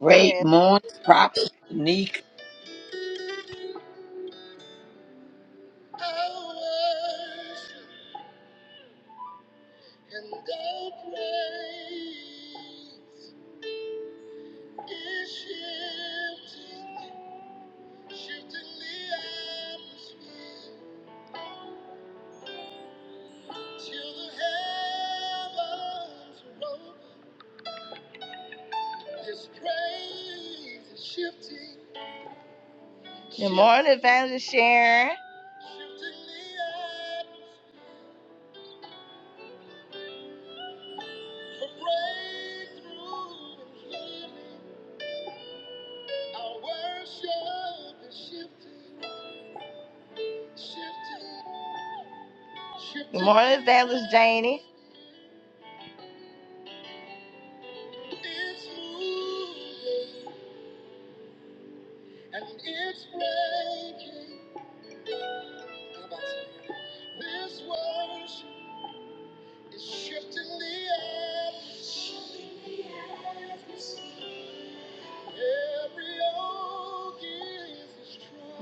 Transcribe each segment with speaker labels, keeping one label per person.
Speaker 1: Great
Speaker 2: Yes.
Speaker 1: morning, Prophet Shanika.
Speaker 2: Good morning, Evangelist Sharon. Good morning, Evangelist Janie.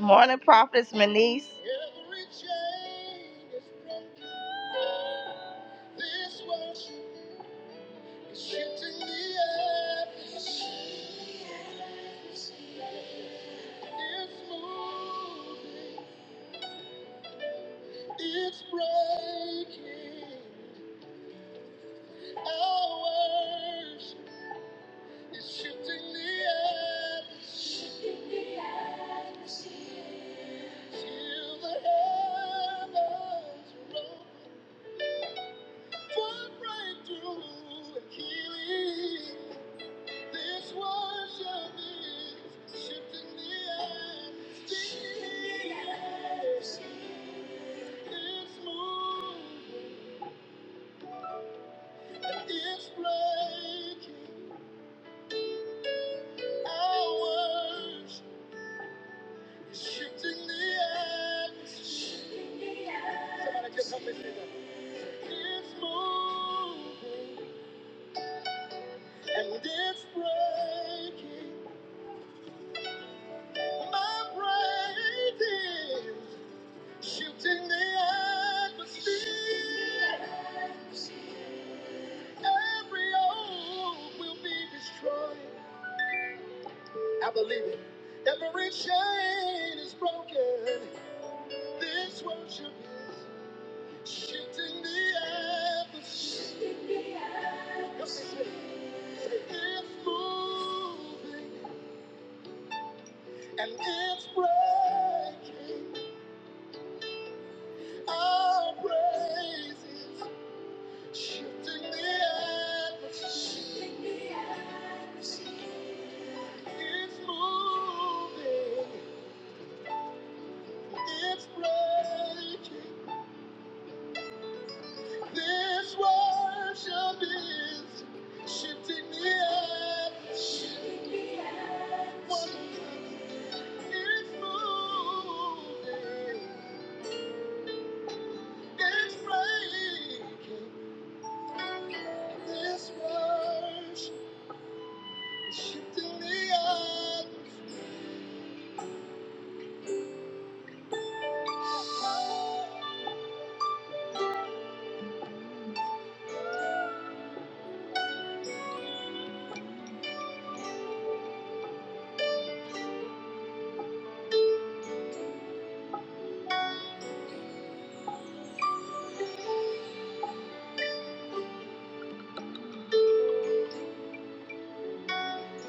Speaker 2: Morning, Prophetess Manise.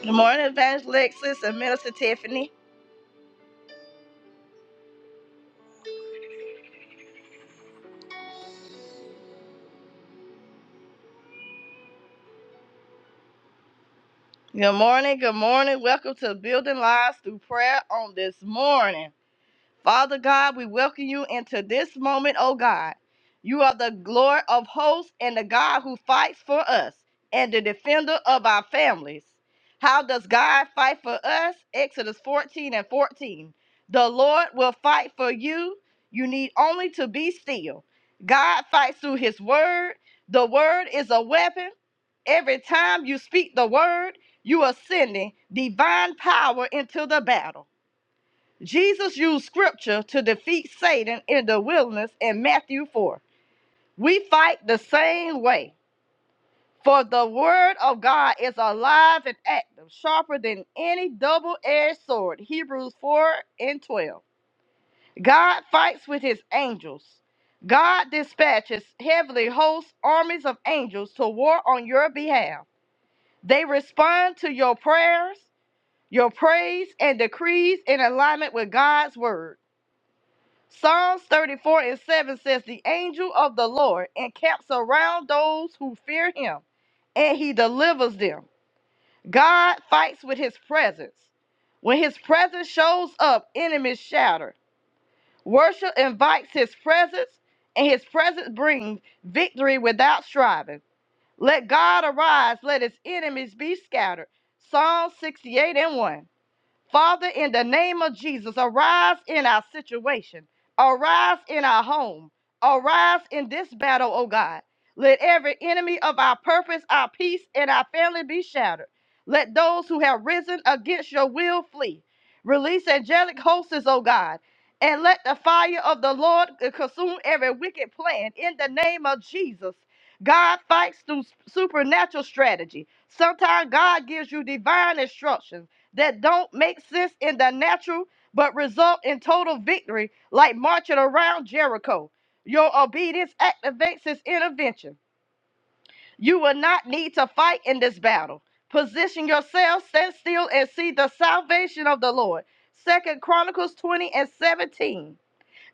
Speaker 2: Good morning, Evangelist Lexis and Minister Tiffany. Good morning, good morning. Welcome to Building Lives Through Prayer on this morning. Father God, we welcome you into this moment, oh God. You are the Lord of hosts and the God who fights for us and the defender of our families. How does God fight for us? Exodus 14 and 14. The Lord will fight for you. You need only to be still. God fights through his word. The word is a weapon. Every time you speak the word, you are sending divine power into the battle. Jesus used scripture to defeat Satan in the wilderness in Matthew 4. We fight the same way. For the word of God is alive and active, sharper than any double edged sword. Hebrews 4 and 12. God fights with his angels. God dispatches heavenly hosts, armies of angels to war on your behalf. They respond to your prayers, your praise, and decrees in alignment with God's word. Psalms 34 and 7 says, The angel of the Lord encamps around those who fear him, and he delivers them. God fights with his presence. When his presence shows up, enemies shatter. Worship invites his presence, and his presence brings victory without striving. Let God arise, let his enemies be scattered. Psalm 68 and 1. Father, in the name of Jesus, arise in our situation, arise in our home, arise in this battle, O God. Let every enemy of our purpose, our peace, and our family be shattered. Let those who have risen against your will flee. Release angelic hosts, O God, and let the fire of the Lord consume every wicked plan in the name of Jesus. God fights through supernatural strategy. Sometimes God gives you divine instructions that don't make sense in the natural but result in total victory, like marching around Jericho. Your obedience activates his intervention. You will not need to fight in this battle. Position yourself, stand still, and see the salvation of the Lord. Second Chronicles 20 and 17.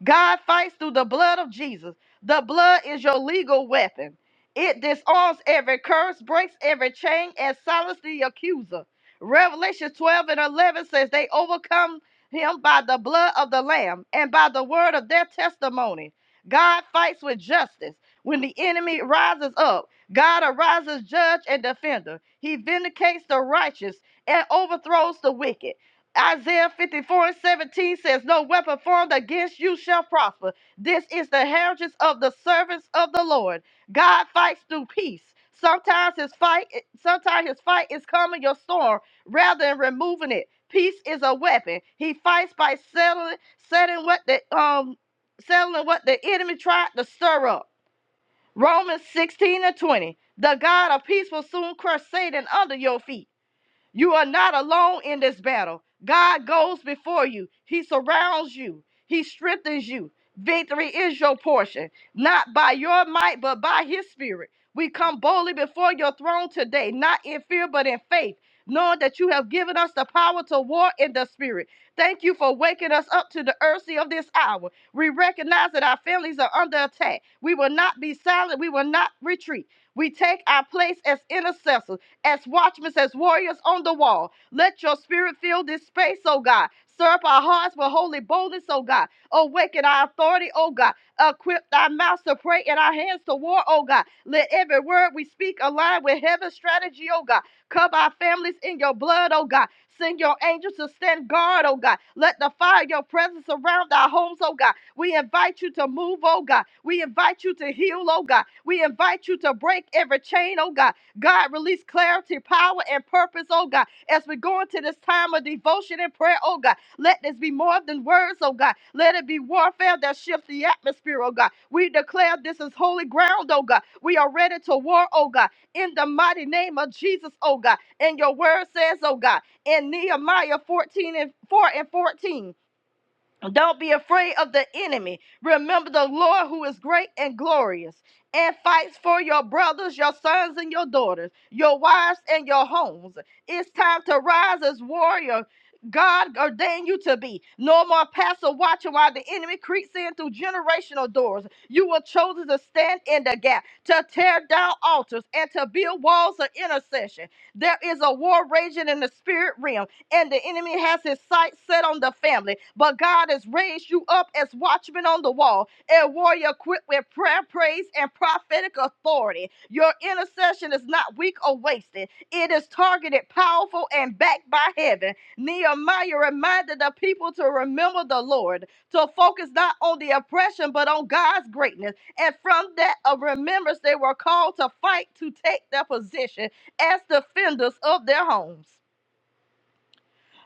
Speaker 2: God fights through the blood of Jesus. The blood is your legal weapon. It disarms every curse, breaks every chain, and silences the accuser. Revelation 12 and 11 says they overcome him by the blood of the Lamb and by the word of their testimony. God fights with justice. When the enemy rises up, God arises judge and defender. He vindicates the righteous and overthrows the wicked. Isaiah 54 and 17 says, No weapon formed against you shall prosper. This is the heritage of the servants of the Lord. God fights through peace. Sometimes his fight, sometimes his fight is calming your storm rather than removing it. Peace is a weapon. He fights by settling, settling what the um settling what the enemy tried to stir up. Romans 16 and 20. The God of peace will soon crush Satan under your feet. You are not alone in this battle. God goes before you, He surrounds you, He strengthens you. Victory is your portion, not by your might, but by His Spirit. We come boldly before your throne today, not in fear, but in faith, knowing that you have given us the power to war in the Spirit. Thank you for waking us up to the urgency of this hour. We recognize that our families are under attack. We will not be silent, we will not retreat. We take our place as intercessors as watchmen, as warriors on the wall. Let your spirit fill this space, oh God. Stir up our hearts with holy boldness, oh God. Awaken our authority, oh God. Equip thy mouths to pray and our hands to war, oh God. Let every word we speak align with heaven's strategy, oh God. Cover our families in your blood, oh God. Send your angels to stand guard, oh God. Let the fire of your presence surround our homes, oh God. We invite you to move, oh God. We invite you to heal, oh God. We invite you to break every chain, oh God. God, release clarity, power, and purpose, oh God. As we go into this time of devotion and prayer, oh God, let this be more than words, oh God. Let it be warfare that shifts the atmosphere, oh God. We declare this is holy ground, oh God. We are ready to war, oh God, in the mighty name of Jesus, oh God. And your word says, oh God, in Nehemiah 14 and 4 and 14. Don't be afraid of the enemy. Remember the Lord who is great and glorious and fights for your brothers, your sons, and your daughters, your wives, and your homes. It's time to rise as warrior. God ordained you to be. No more passive watching while the enemy creeps in through generational doors. You were chosen to stand in the gap, to tear down altars, and to build walls of intercession. There is a war raging in the spirit realm and the enemy has his sight set on the family. But God has raised you up as watchmen on the wall, a warrior equipped with prayer, praise, and prophetic authority. Your intercession is not weak or wasted, it is targeted, powerful, and backed by heaven. Nehemiah reminded the people to remember the Lord, to focus not on the oppression, but on God's greatness. And from that of remembrance, they were called to fight to take their position as defenders of their homes.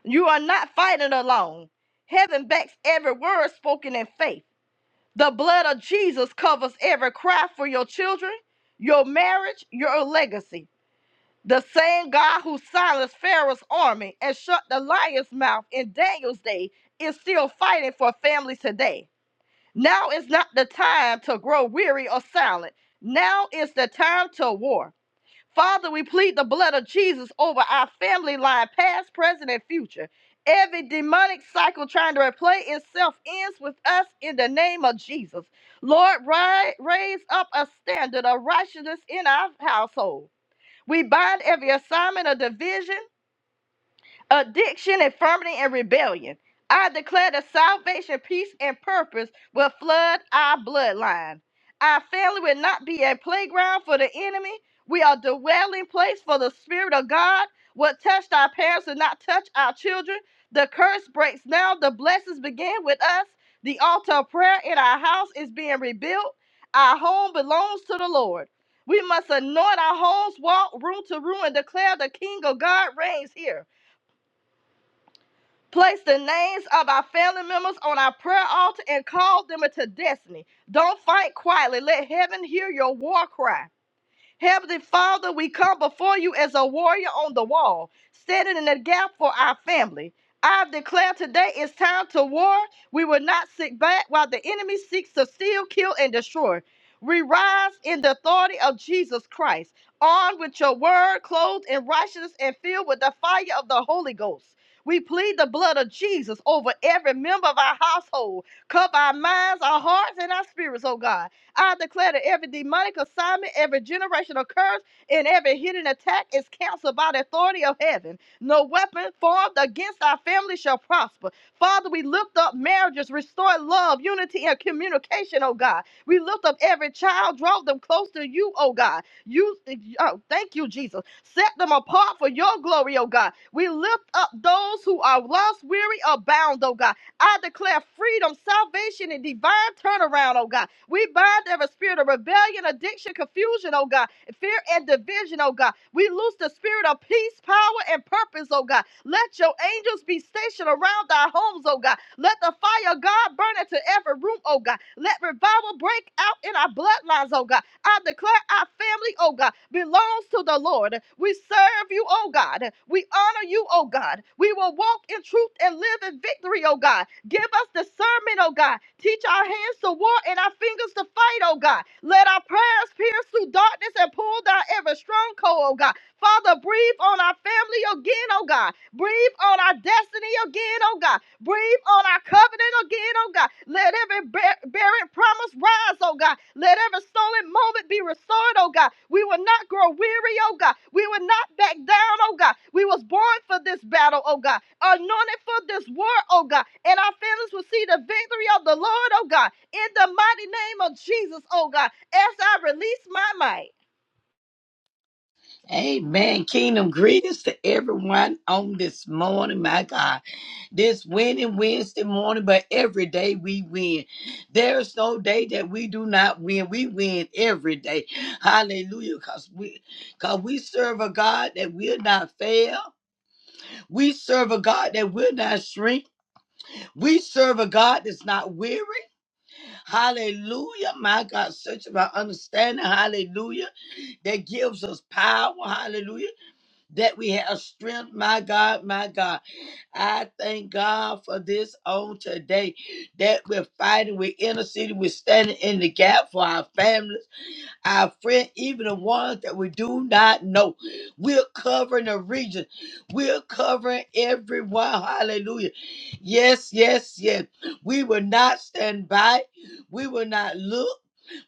Speaker 2: You are not fighting alone. Heaven backs every word spoken in faith. The blood of Jesus covers every cry for your children, your marriage, your legacy. The same God who silenced Pharaoh's army and shut the lion's mouth in Daniel's day is still fighting for families today. Now is not the time to grow weary or silent. Now is the time to war. Father, we plead the blood of Jesus over our family line, past, present, and future. Every demonic cycle trying to replay itself ends with us in the name of Jesus. Lord, ri- raise up a standard of righteousness in our household. We bind every assignment of division addiction, infirmity, and rebellion. I declare that salvation, peace, and purpose will flood our bloodline. Our family will not be a playground for the enemy. We are dwelling place for the Spirit of God. What touched our parents will not touch our children. The curse breaks now. The blessings begin with us. The altar of prayer in our house is being rebuilt. Our home belongs to the Lord. We must anoint our homes, walk room to room, and declare the King of God reigns here. Place the names of our family members on our prayer altar and call them into destiny. Don't fight quietly. Let heaven hear your war cry. Heavenly Father, we come before you as a warrior on the wall, standing in the gap for our family. I declare today it's time to war. We will not sit back while the enemy seeks to steal, kill, and destroy. We rise in the authority of Jesus Christ, armed with your word, clothed in righteousness, and filled with the fire of the Holy Ghost. We plead the blood of Jesus over every member of our household. Cover our minds, our hearts, and our spirits, oh God. I declare that every demonic assignment, every generational curse, and every hidden attack is canceled by the authority of heaven. No weapon formed against our family shall prosper. Father, we lift up marriages, restore love, unity, and communication, oh God. We lift up every child, draw them close to you, oh God. You, oh, thank you, Jesus. Set them apart for your glory, oh God. We lift up those who are lost, weary, or bound, oh God. I declare freedom, salvation, and divine turnaround, oh God. We bind every spirit of rebellion, addiction, confusion, oh God, fear and division, oh God. We loose the spirit of peace, power, and purpose, oh God. Let your angels be stationed around our homes, oh God. Let the fire of God burn into every room, oh God. Let revival break out in our bloodlines, oh God. I declare our family, oh God, belongs to the Lord. We serve you, oh God. We honor you, oh God. We will walk in truth and live in victory, oh God. Give us discernment, oh God. Teach our hands to war and our fingers to fight, oh God. Let our prayers pierce through darkness and pull down every stronghold, oh God. Father, breathe on our family again, oh God. Breathe on our destiny again, oh God. Breathe on our covenant again, oh God. Let every bar- barren promise rise, oh God. Let every stolen moment be restored, oh God. We will not grow weary, oh God. We will not back down, oh God. We was born for this battle, oh God. Anointed for this war, oh God. And our families will see the victory of the Lord, oh God. In the mighty name of Jesus, oh God. As I release my might.
Speaker 1: Amen. Kingdom greetings to everyone on this morning, my God. This winning Wednesday morning, but every day we win. There's no day that we do not win. We win every day. Hallelujah. Because we, cause we serve a God that will not fail. We serve a God that will not shrink. We serve a God that's not weary. Hallelujah. My God, search of our understanding. Hallelujah. that gives us power, hallelujah, that we have strength, my God, my God. I thank God for this on today that we're fighting, we're interceding, we're standing in the gap for our families our friend, even the ones that we do not know. We're covering the region. We're covering everyone. Hallelujah. Yes, yes, yes. We will not stand by. We will not look.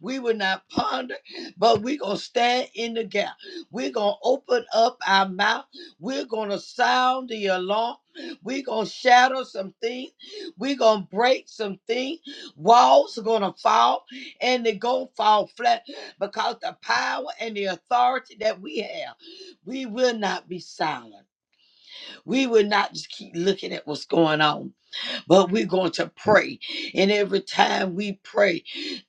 Speaker 1: We will not ponder, but we're going to stand in the gap. We're going to open up our mouth. We're going to sound the alarm. We're going to shatter some things. We're going to break some things. Walls are going to fall and they're going to fall flat because the power and the authority that we have, we will not be silent. We will not just keep looking at what's going on but we're going to pray. And every time we pray,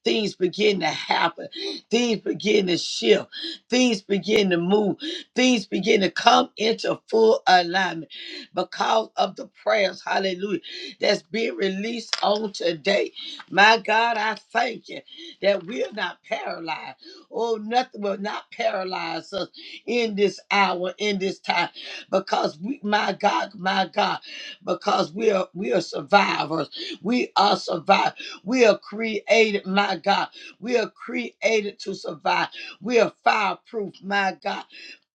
Speaker 1: things begin to happen, things begin to shift, things begin to move, things begin to come into full alignment because of the prayers, hallelujah, that's being released on today. My God, I thank you that we're not paralyzed. Oh, nothing will not paralyze us in this hour, in this time, because we, my God, my God because we are we are survivors. We are survivors. We are created, my God. We are created to survive. We are fireproof, my God.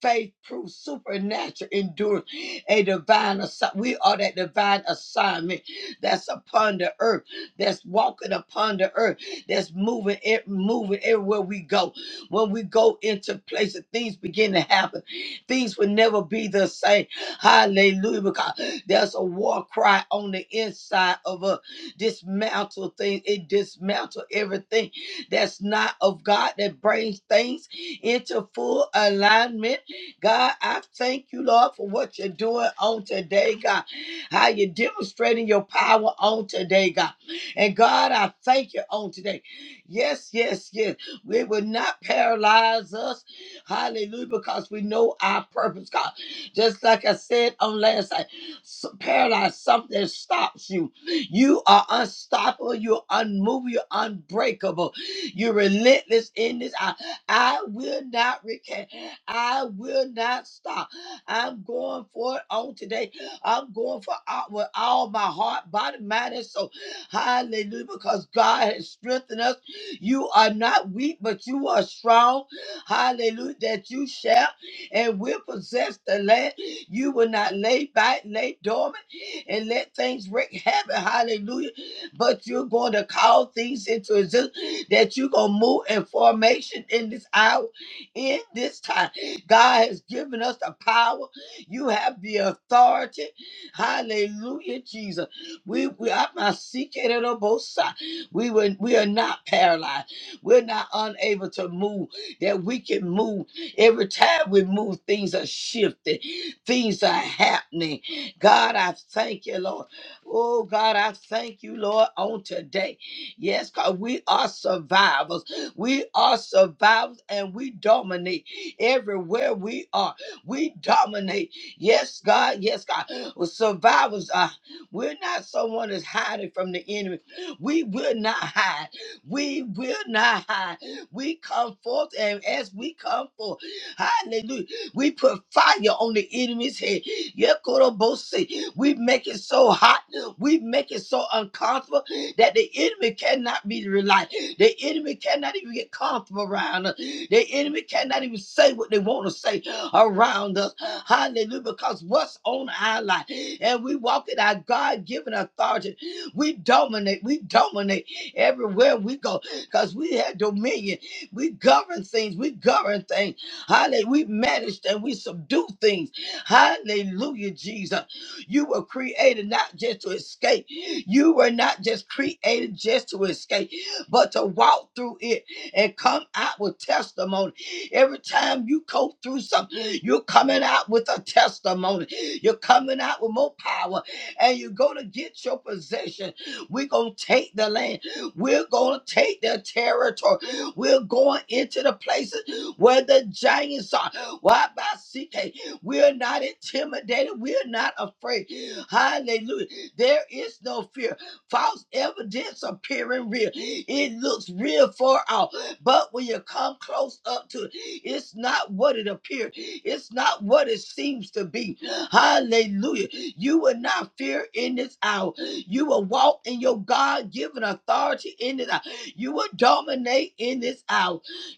Speaker 1: Faith proof, supernatural endurance, a divine assignment. We are that divine assignment that's upon the earth, that's walking upon the earth, that's moving it, moving everywhere we go. When we go into places, things begin to happen. Things will never be the same. Hallelujah there's a war cry on the inside of us. Dismantle things. It dismantle everything that's not of God that brings things into full alignment. God, I thank you, Lord, for what you're doing on today, God. How you're demonstrating your power on today, God. And God, I thank you on today. Yes, yes, yes. We will not paralyze us. Hallelujah, because we know our purpose, God. Just like I said on last night. S- Paradise, something stops you. You are unstoppable. You're unmovable. You're unbreakable. You're relentless in this. I, I will not recant. I will not stop. I'm going for it on today. I'm going for all, with all my heart, body, mind, and soul. Hallelujah. Because God has strengthened us. You are not weak, but you are strong. Hallelujah. That you shall and will possess the land. You will not lay back, lay dormant, and let things wreak havoc. Hallelujah. But you're going to call things into existence that you're going to move in formation in this hour, in this time. God has given us the power. You have the authority. Hallelujah, Jesus. We we are not seeking it on both sides. We were we are not paralyzed. We're not unable to move. That we can move. Every time we move, things are shifted. Things are happening. God, I thank you, Lord. Oh, God, I thank you, Lord, on today. Yes, God, we are survivors. We are survivors and we dominate everywhere we are. We dominate. Yes, God. Yes, God. Well, survivors are, we're not someone that's hiding from the enemy. We will not hide. We will not hide. We come forth, and as we come forth, hallelujah. We put fire on the enemy's head. Yekorobose. We make it so hot. We make it so uncomfortable that the enemy cannot be relied. The enemy cannot even get comfortable around us. The enemy cannot even say what they want to say around us. Hallelujah. Because what's on our life? And we walk in our God given authority. We dominate. We dominate everywhere we go because we have dominion. We govern things. We govern things. Hallelujah. We manage and we subdue things. Hallelujah, Jesus. You were created not just to escape. You were not just created just to escape, but to walk through it and come out with testimony. Every time you go through something, you're coming out with a testimony. You're coming out with more power and you're going to get your possession. We're going to take the land. We're going to take their territory. We're going into the places where the giants are. Why by CK? We're not intimidated. We're not afraid. Hallelujah. There is no fear. False evidence appearing real. It looks real for all. But when you come close up to it, it's not what it appeared. It's not what it seems to be. Hallelujah. You will not fear in this hour. You will walk in your God given authority in this hour. You will dominate in this hour.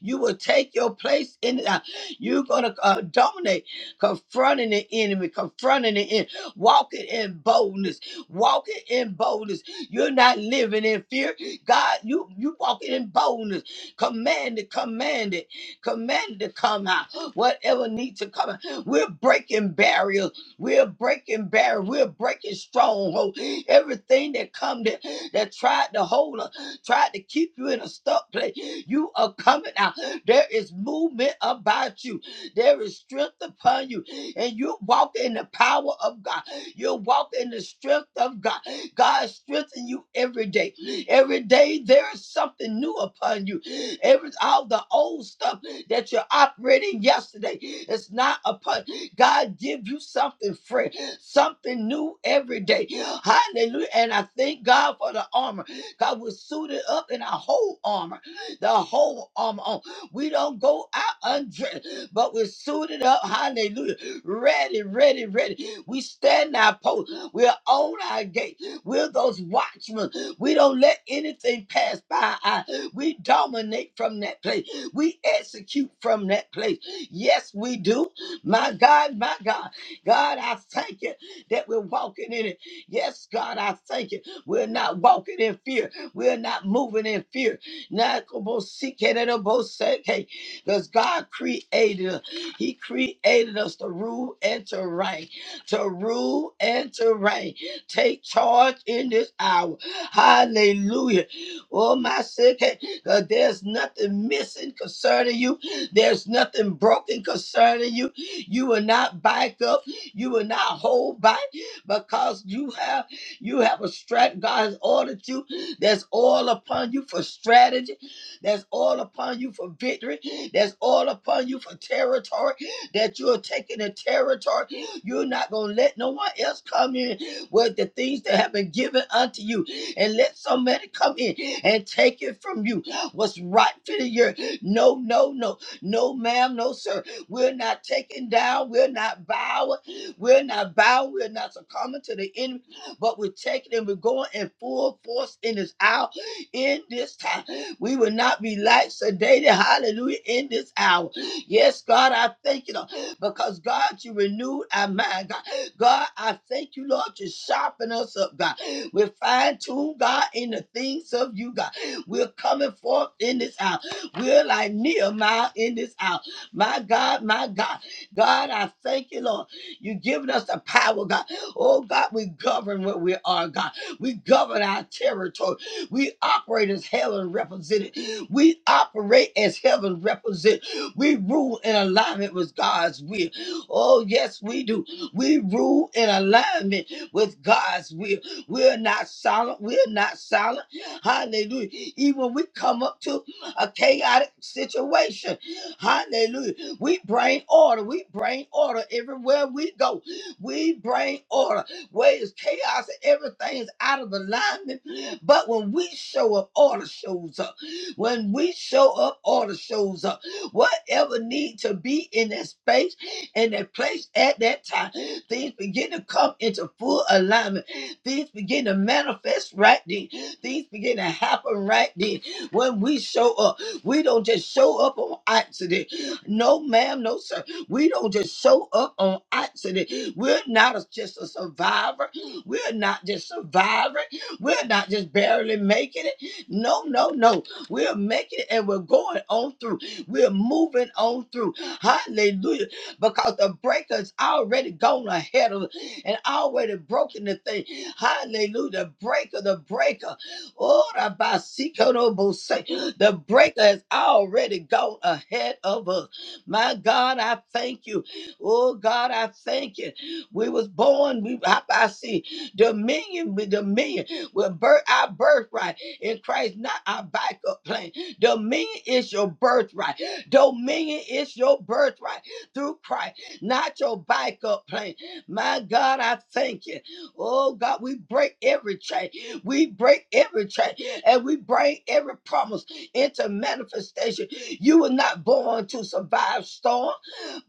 Speaker 1: You will take your place in it. You're going to uh, dominate, confronting the enemy, confronting the enemy, walking in boldness, walking in boldness. You're not living in fear. God, you you walking in boldness. Command it, command it, command it to come out. Whatever needs to come out. We're breaking barriers. We're breaking barriers. We're breaking strongholds. Everything that come that, that tried to hold us tried to keep you in a stuck place. You are coming out. There is movement about you. There is strength upon you. And you walk in the power of God. You walk in the strength of God. God strengthens you every day. Every day there is something new upon you. Every all the old stuff that you're operating yesterday is not upon. God give you something fresh, something new every day. Hallelujah. And I thank God for the armor. God, we're suited up in our whole armor, the whole armor on. We don't go out undressed, but we're suited up. Hallelujah. Ready, ready, ready. We stand our post. We're on our gate. We're those watchmen. We don't let anything pass by. Our, we dominate from that place. We execute from that place. Yes, we do. My God, my God. God, I thank you that we're walking in it. Yes, God, I thank you. We're not walking in fear. We're not moving in fear. Because God created us. He created us to rule and to reign. To rule and to reign. Take charge in this hour. Hallelujah. Oh, my sick. Because there's nothing missing concerning you. There's nothing broken concerning you. You will not back up. You will not hold back because you have. You have a strat. God has ordered you. That's all upon you for strategy. That's all upon you for victory. That's all upon you for territory. That you are taking a territory. You're not gonna let no one else come in with the things that have been given unto you, and let somebody come in and take it from you. What's right for the year? No, no, no, no, ma'am, no, sir. We're not taken down. We're not bowing. We're not bowing. We're not succumbing to the enemy but we're taking and we're going in full force in this hour, in this time. We will not be lax sedated, hallelujah, in this hour. Yes, God, I thank you, Lord, because God, you renewed our mind, God. God, I thank you, Lord, you sharpen us up, God. We're fine tuned, God, in the things of you, God. We're coming forth in this hour. We're like Nehemiah in this hour. My God, my God, God, I thank you, Lord. You've given us the power, God. Oh God, we govern what we are, God. We govern our territory. We operate as heaven represented. We operate as heaven represented. We rule in alignment with God's will. Oh, yes, we do. We rule in alignment with God's will. We're not silent. We're not silent. Hallelujah. Even when we come up to a chaotic situation, hallelujah. We bring order. We bring order everywhere we go. We bring order. Where is chaos and everything's out of alignment. But when we show up, order shows up. When we show up, order shows up. Whatever need to be in that space and that place at that time, things begin to come into full alignment. Things begin to manifest right then. Things begin to happen right then. When we show up, we don't just show up on accident. No, ma'am, no, sir. We don't just show up on accident. We're not a- just a survivor. We're not just surviving. We're not just barely making it. No, no, no. We're making it and we're going on through. We're moving on through. Hallelujah. Because the breaker's already gone ahead of us and already broken the thing. Hallelujah. The breaker, the breaker. Oh, the Basikoro Bose. The breaker has already gone ahead of us. My God, I thank you. Oh God, I thank you. We was born, we I, I see dominion with dominion. with birth our birthright in Christ, not our backup plan. Dominion is your birthright. Dominion is your birthright through Christ, not your backup plan. My God, I thank you. Oh God, we break every chain. We break every chain and we break every promise into manifestation. You were not born to survive storms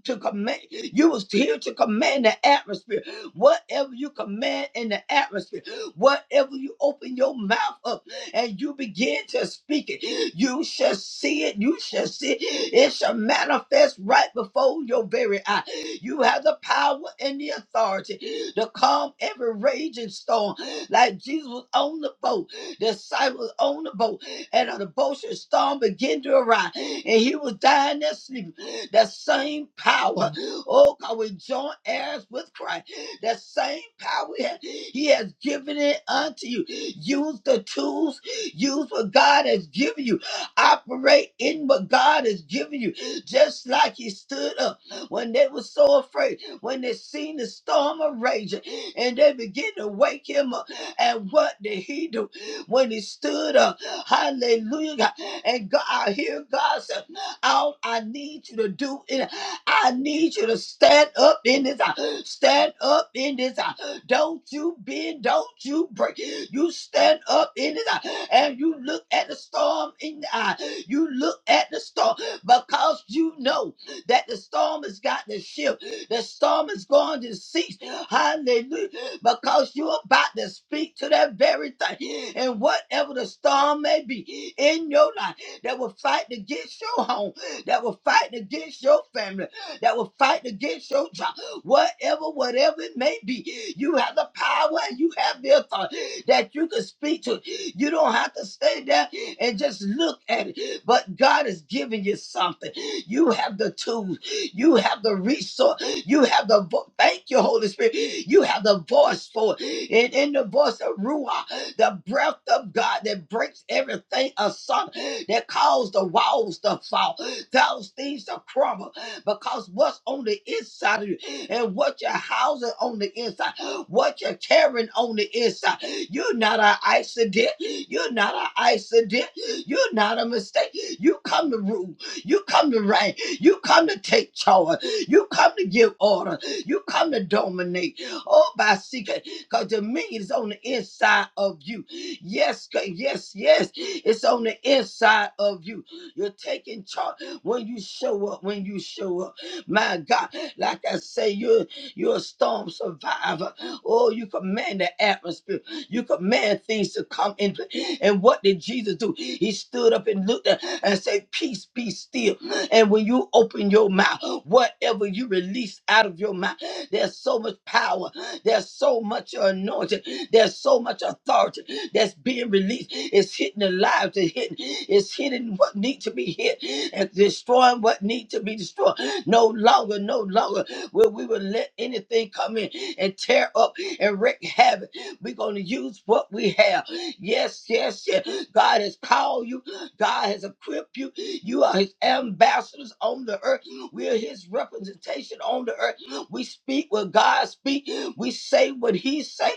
Speaker 1: to command. You was here to command the atmosphere. Whatever you command in the atmosphere, whatever you open your mouth up and you begin to speak it, you shall see it. You shall see it. It shall manifest right before your very eye. You have the power and the authority to calm every raging storm. Like Jesus was on the boat, the disciples on the boat, and a debaucherous storm began to arise. And he was dying there, sleeping. That same power, oh God, we join heirs with Christ. That same power He has He has given it unto you. Use the tools, use what God has given you. Operate in what God has given you. Just like He stood up when they were so afraid, when they seen the storm of raging, and they begin to wake him up. And what did he do when he stood up? Hallelujah. God. And God, I hear God say out. I need you to do it. I need you to stand up in this hour. Stand up in this hour. Don't you bend. Don't you break. You stand up in this hour, And you look at the storm in the eye. You look at the storm because you know that the storm has got to shift. The storm is going to cease. Hallelujah. Because you're about to speak to that very thing. And whatever the storm may be in your life that will fight to get you home that will fight against your family, that will fight against your job, whatever, whatever it may be. You have the power and you have the authority that you can speak to. You don't have to stay there and just look at it, but God is giving you something. You have the tools, you have the resource. You have the vo- thank you, Holy Spirit. You have the voice for it. And in the voice of Ruah, the breath of God that breaks everything asunder, that caused the walls to fall, those things to crumble. Because what's on the inside of you and what you're housing on the inside, what you're carrying on the inside, you're not an accident. You're not an accident. You're not a mistake. You come to Ruah. You come to reign. You come to take charge. You come to give order. You come to dominate. Oh, by secret, because dominion is on the inside of you. Yes, God, yes, yes. It's on the inside of you. You're taking charge when you show up. When you show up, my God, like I say, you're you're a storm survivor. Oh, you command the atmosphere. You command things to come in. And what did Jesus do? He stood up and looked at and said, Peace be still. And when you open your mouth, whatever you release out of your mouth, there's so much power, there's so much anointing, there's so much authority that's being released. It's hitting the lives, it's hitting, it's hitting what need to be hit, and destroying what need to be destroyed. No longer, no longer will we will let anything come in and tear up and wreak havoc we're going to use what we have. Yes, yes, yes. God has called you. God has equipped you. You are his ambassadors on the earth. We are his representation on the earth. We speak what God speak. We say what he say.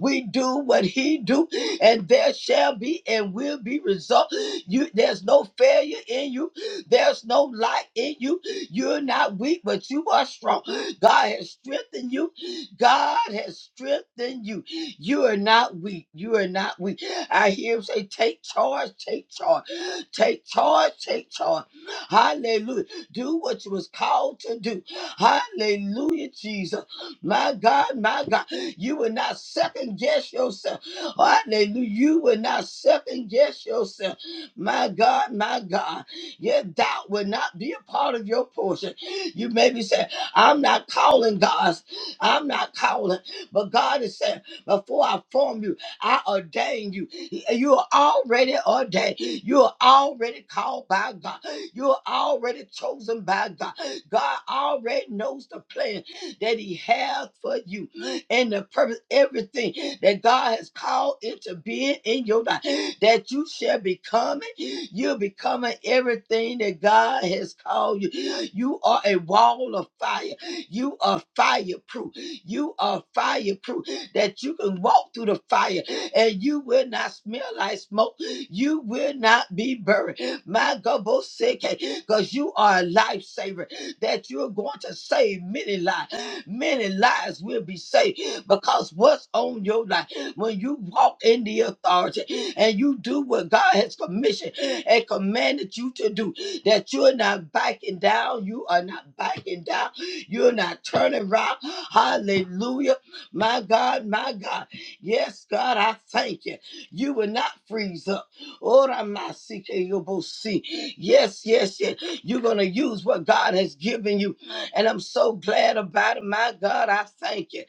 Speaker 1: We do what he do. And there shall be and will be result. You there's no failure in you. There's no light in you. You're not weak, but you are strong. God has strengthened you. God has strengthened you. You are not weak. You are not weak. I hear him say, take charge, take charge, take charge, take charge. Hallelujah. Do what you was called to do. Hallelujah, Jesus. My God, my God. You will not second guess yourself. Hallelujah. You will not second guess yourself. My God, my God. Your doubt will not be a part of your portion. You may be saying, I'm not calling God's. I'm not calling. But God is saying. Before I formed you, I ordained you. You are already ordained. You are already called by God. You are already chosen by God. God already knows the plan that He has for you and the purpose, everything that God has called into being in your life. That you shall become it. You're becoming everything that God has called you. You are a wall of fire. You are fireproof. You are fireproof that you can walk through the fire and you will not smell like smoke. You will not be buried. My God, both sick, because you are a lifesaver, that you're going to save many lives. Many lives will be saved because what's on your life when you walk in the authority and you do what God has commissioned and commanded you to do, that you're not backing down, you are not backing down, you're not turning around. Hallelujah my God, my God. Yes, God, I thank you. You will not freeze up. Ora masike yobosi. Yes, yes, yes. You're going to use what God has given you. And I'm so glad about it. My God, I thank you.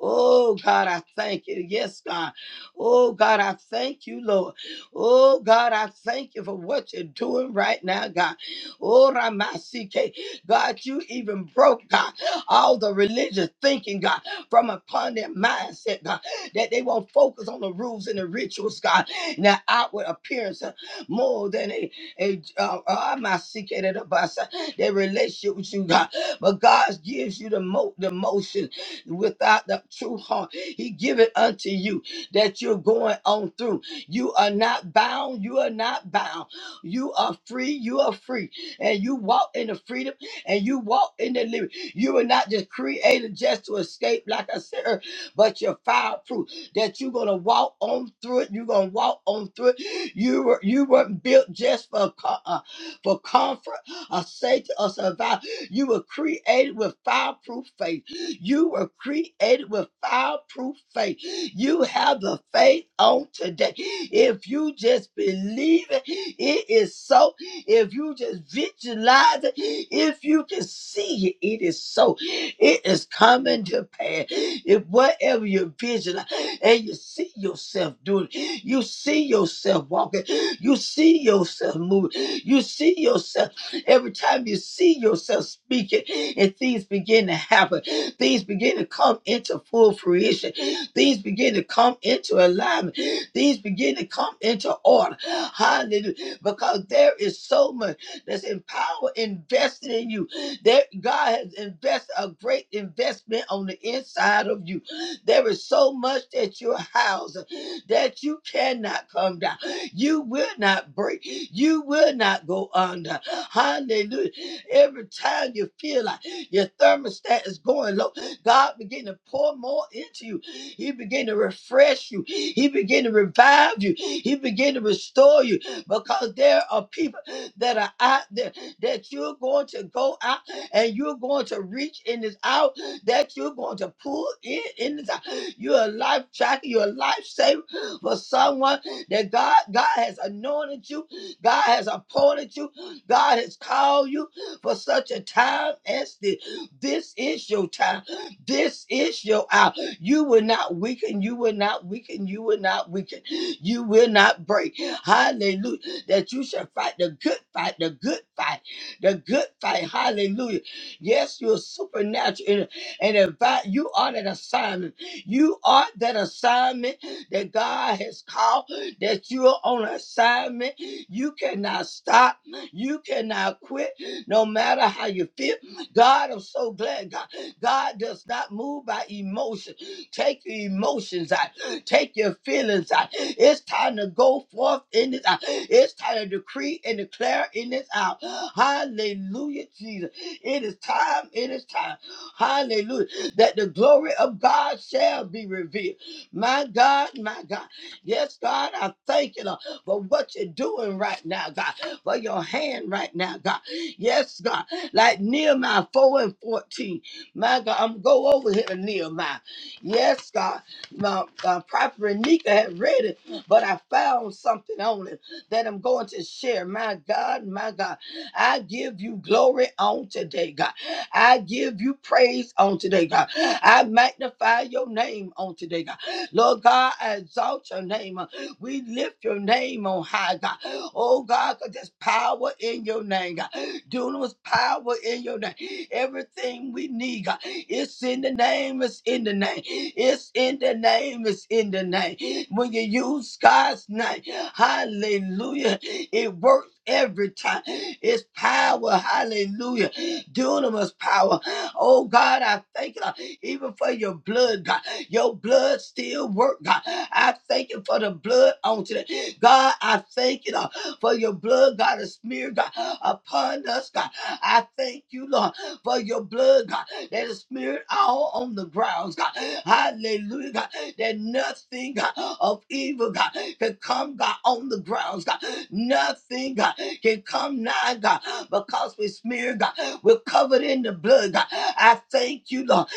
Speaker 1: Oh, God, I thank you. Yes, God. Oh, God, I thank you, Lord. Oh, God, I thank you for what you're doing right now, God. Ora masike. God, you even broke, God, all the religious thinking, God from upon their mindset, God, that they won't focus on the rules and the rituals, God, and the outward appearance uh, more than a, a uh, uh, my secret of the bus, uh, their relationship with you, God. But God gives you the, mo- the motion without the true heart. He give it unto you that you're going on through. You are not bound. You are not bound. You are free. You are free. And you walk in the freedom and you walk in the liberty. You were not just created just to escape, like I said, earlier, but you're fireproof. That you're gonna walk on through it. You're gonna walk on through it. You were you weren't built just for co- uh, for comfort or safety or survival. You were created with fireproof faith. You were created with fireproof faith. You have the faith on today. If you just believe it, it is so. If you just visualize it, if you can see it, it is so. It is coming to pass. If whatever you visualize and you see yourself doing, you see yourself walking, you see yourself moving, you see yourself. Every time you see yourself speaking and things begin to happen, things begin to come into full fruition, things begin to come into alignment, things begin to come into order. Hallelujah. Because there is so much that's in power invested in you. There, God has invested a great investment on the inside of you. There is so much that you're housing that you cannot come down. You will not break. You will not go under. Hallelujah. Every time you feel like your thermostat is going low, God begin to pour more into you. He begin to refresh you. He begin to revive you. He begin to restore you because there are people that are out there that you're going to go out and you're going to reach in this hour that you're going to pull in in this hour. You're a life tracker. You're a lifesaver for someone that God God has anointed you, God has appointed you, God has called you for such a time as this. This is your time. This is your hour. You will not weaken. You will not weaken. You will not weaken. You will not break. Hallelujah. That you shall fight the good fight, the good fight, the good fight. Hallelujah. Yes, you're supernatural and, and invite. You are that assignment. You are that assignment that God has called, that you're on assignment. You cannot stop. You cannot quit, no matter how you feel. God, I'm so glad, God. God does not move by emotion. Take your emotions out. Take your feelings out. It's time to go forth in this hour. It's time to decree and declare in this hour. Hallelujah, Jesus. It is time. It is time. Hallelujah. That the glory of God shall be revealed. My God, my God. Yes, God, I thank you, Lord, for what you're doing right now, God, for your hand right now, God. Yes, God. Like Nehemiah 4 and 14. My God, I'm go over here to Nehemiah. Yes, God. My, my prophet Renika had read it, but I found something on it that I'm going to share. My God, my God. I give you glory on today, God. I give you praise on today, God. I magnify your name on today, God. Lord God, I exalt your name. We lift your name on high, God. Oh God, 'cause there's power in your name, God. Dunamis power in your name. Everything we need, God. It's in the name, it's in the name. It's in the name, it's in the name. When you use God's name, hallelujah, it works every time. It's power, hallelujah dunamis power. Oh God, I thank you, uh, even for your blood, God. Your blood still work, God. I thank you for the blood on today. God, I thank you uh, for your blood, God, is smeared, God, upon us, God. I thank you, Lord for your blood, God, that is smeared all on the grounds, God. Hallelujah, God, that nothing God, of evil, God, can come, God, on the grounds, God. Nothing, God, can come nigh, God, because we smear, God, we're covered in the blood, God. I thank you, Lord,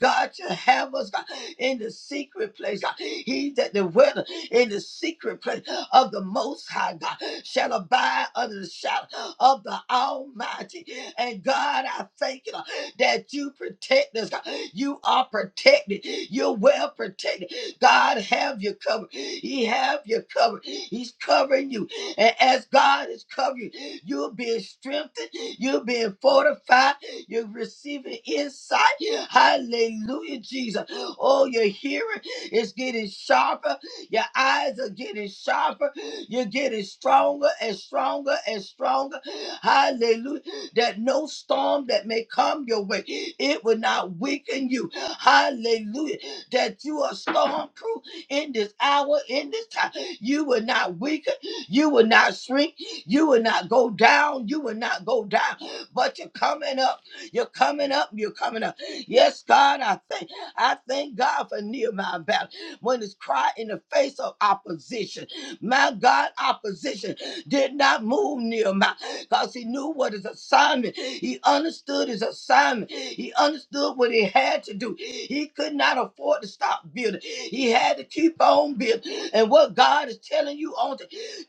Speaker 1: that God should have us God, in the secret place. God. He that the weather in the secret place of the Most High God shall abide under the shadow of the Almighty. And God, I thank you Lord, that you protect us. God. You are protected. You're well protected. God have you covered. He have you covered. He's covering you. And as God is covering you, you're being strengthened. You're being fortified. You're receiving insight. Hallelujah, Jesus. Oh, your hearing is getting sharper. Your eyes are getting sharper. You're getting stronger and stronger and stronger. Hallelujah. That no storm that may come your way, it will not weaken you. Hallelujah. That you are storm proof in this hour, in this time. You will not weaken. You will not shrink. You will not go down. You will not go down. But you're coming up. You're coming up. You're coming up. Yes, God, I thank I thank God for Nehemiah battle. When it's cried in the face of opposition. My God, opposition did not move Nehemiah because he knew what his assignment. He understood his assignment. He understood what he had to do. He could not afford to stop building. He had to keep on building. And what God is telling you on today.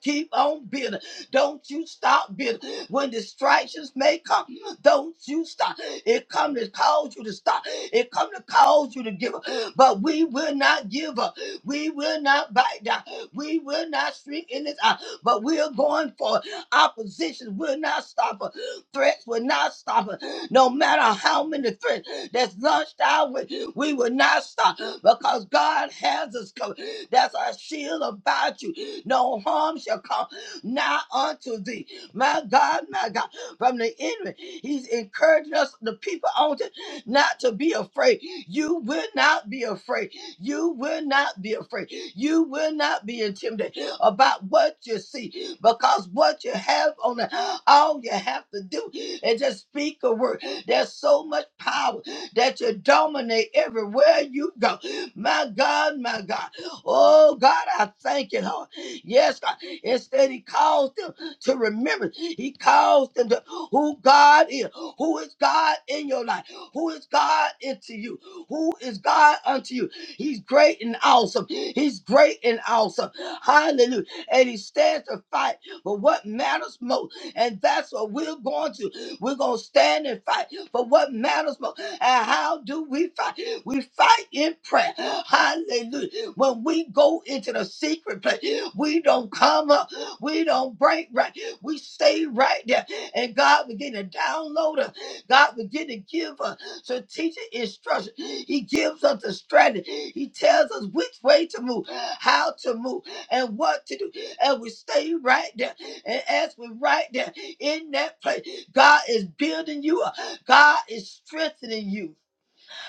Speaker 1: Keep on building. Don't you stop building. When distractions may come, don't you stop. It come to cause you to stop. It come to cause you to give up. But we will not give up. We will not bite down. We will not shrink in this hour. But we are going for opposition. Will not stop us. Threats will not stop us. No matter how many threats that's launched our way, we will not stop because God has us covered. That's our shield about you. No harm shall come nigh unto thee. My God, my God, from the enemy, he's encouraging us, the people on it, not to be afraid. You will not be afraid. You will not be afraid. You will not be intimidated about what you see because what you have on the, all you have to do is just speak a word. There's so much power that you dominate everywhere you go. My God, my God. Oh, God, I thank you, Lord. Yes, God. Instead, He calls them to remember. He calls them to who God is. Who is God in your life? Who is God into you? Who is God unto you? He's great and awesome. He's great and awesome. Hallelujah. And He stands to fight for what matters most. And that's what we're going to. We're going to stand and fight for what matters most. And how do we fight? We fight in prayer. Hallelujah. When we go into the secret place, we don't come up, we don't break right, we stay right there. And God begin to download us, God begin to give us strategic instruction. He gives us the strategy, He tells us which way to move, how to move, and what to do. And we stay right there. And as we're right there in that place, God is building you up, God is strengthening you.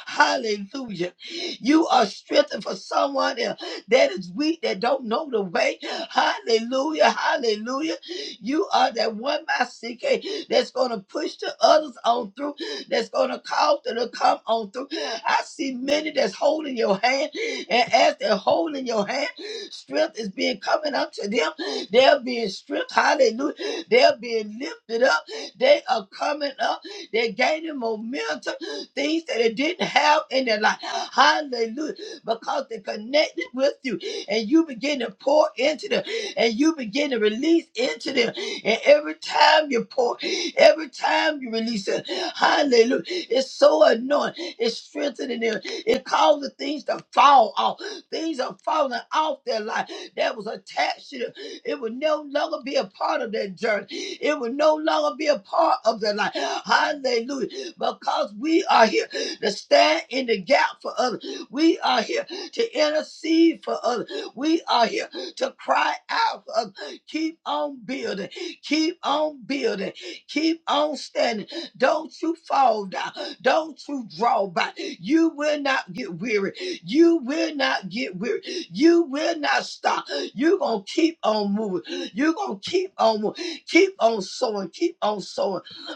Speaker 1: Hallelujah. You are strengthened for someone else that is weak, that don't know the way. Hallelujah. Hallelujah. You are that one by CK that's gonna push the others on through, that's gonna cause them to come on through. I see many that's holding your hand, and as they're holding your hand, strength is being coming up to them. They're being stripped. Hallelujah. They're being lifted up. They are coming up. They're gaining momentum things that it didn't have in their life. Hallelujah. Because they connected with you and you begin to pour into them and you begin to release into them. And every time you pour, every time you release it, hallelujah. It's so annoying. It's strengthening them. It causes things to fall off. Things are falling off their life that was attached to them. It will no longer be a part of their journey. It will no longer be a part of their life. Hallelujah because we are here to stand in the gap for others. We are here to intercede for others. We are here to cry out for others. Keep on building. Keep on building. Keep on standing. Don't you fall down. Don't you draw back. You will not get weary. You will not get weary. You will not stop. You're going to keep on moving. You're going to keep on moving. Keep on sowing. Keep on sowing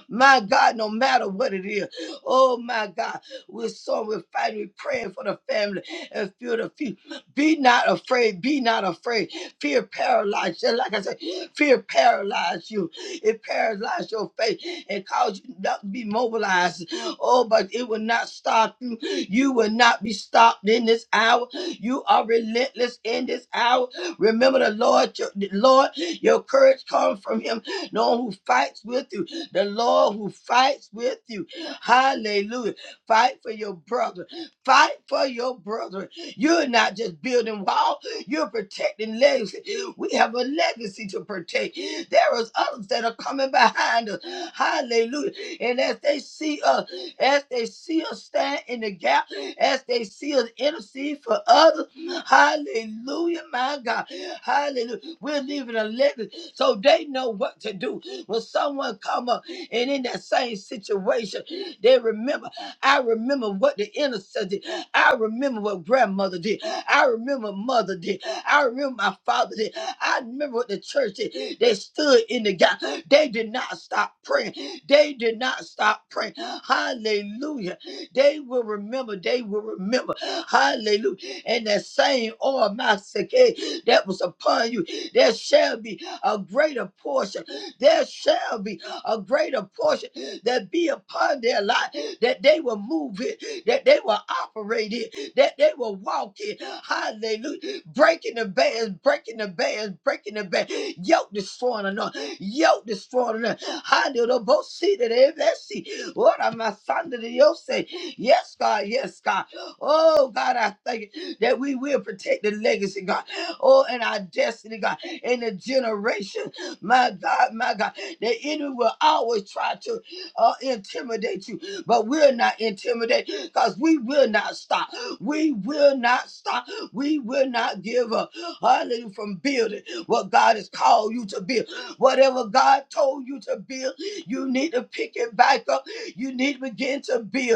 Speaker 1: my God, no matter what it is. Oh my God. We're so we're fighting, we're praying for the family and feel the feet. Be not afraid. Be not afraid. Fear paralyzed. Just like I said, fear paralyzed you. It paralyzed your faith and caused you not to be mobilized. Oh, but it will not stop you. You will not be stopped in this hour. You are relentless in this hour. Remember the Lord, your the Lord, your courage comes from him. No one who fights with you. The Lord who fights with you. Hallelujah. Fight for your brother. Fight for your brother. You're not just building walls; you're protecting legacy. We have a legacy to protect. There is others that are coming behind us. Hallelujah. And as they see us, as they see us stand in the gap, as they see us intercede for others. Hallelujah, my God. Hallelujah. We're leaving a legacy so they know what to do. When someone come up and in that same situation, they remember. I remember what the intercessor did. I remember what grandmother did. I remember mother did. I remember my father did. I remember what the church did. They stood in the gap. They did not stop praying. They did not stop praying. Hallelujah. They will remember. They will remember. Hallelujah. And that same oil, my sake that was upon you, there shall be a greater portion there shall be a greater portion that be upon their life, that they will move it, that they will operate it, that they will walk it. Hallelujah. Breaking the bands, breaking the bands, breaking the bands. Yoke destroying anointing, yoke destroying anointing. Hallelujah. Both see that every see. What am I Sunday to your say? Yes, God, yes, God. Oh, God, I thank you that we will protect the legacy, God. Oh, and our destiny, God, and the generation. My God, my God. The enemy will always try to uh, intimidate you, but we're not intimidated because we will not stop. We will not stop. We will not give up. Hallelujah. From building what God has called you to build. Whatever God told you to build, you need to pick it back up. You need to begin to build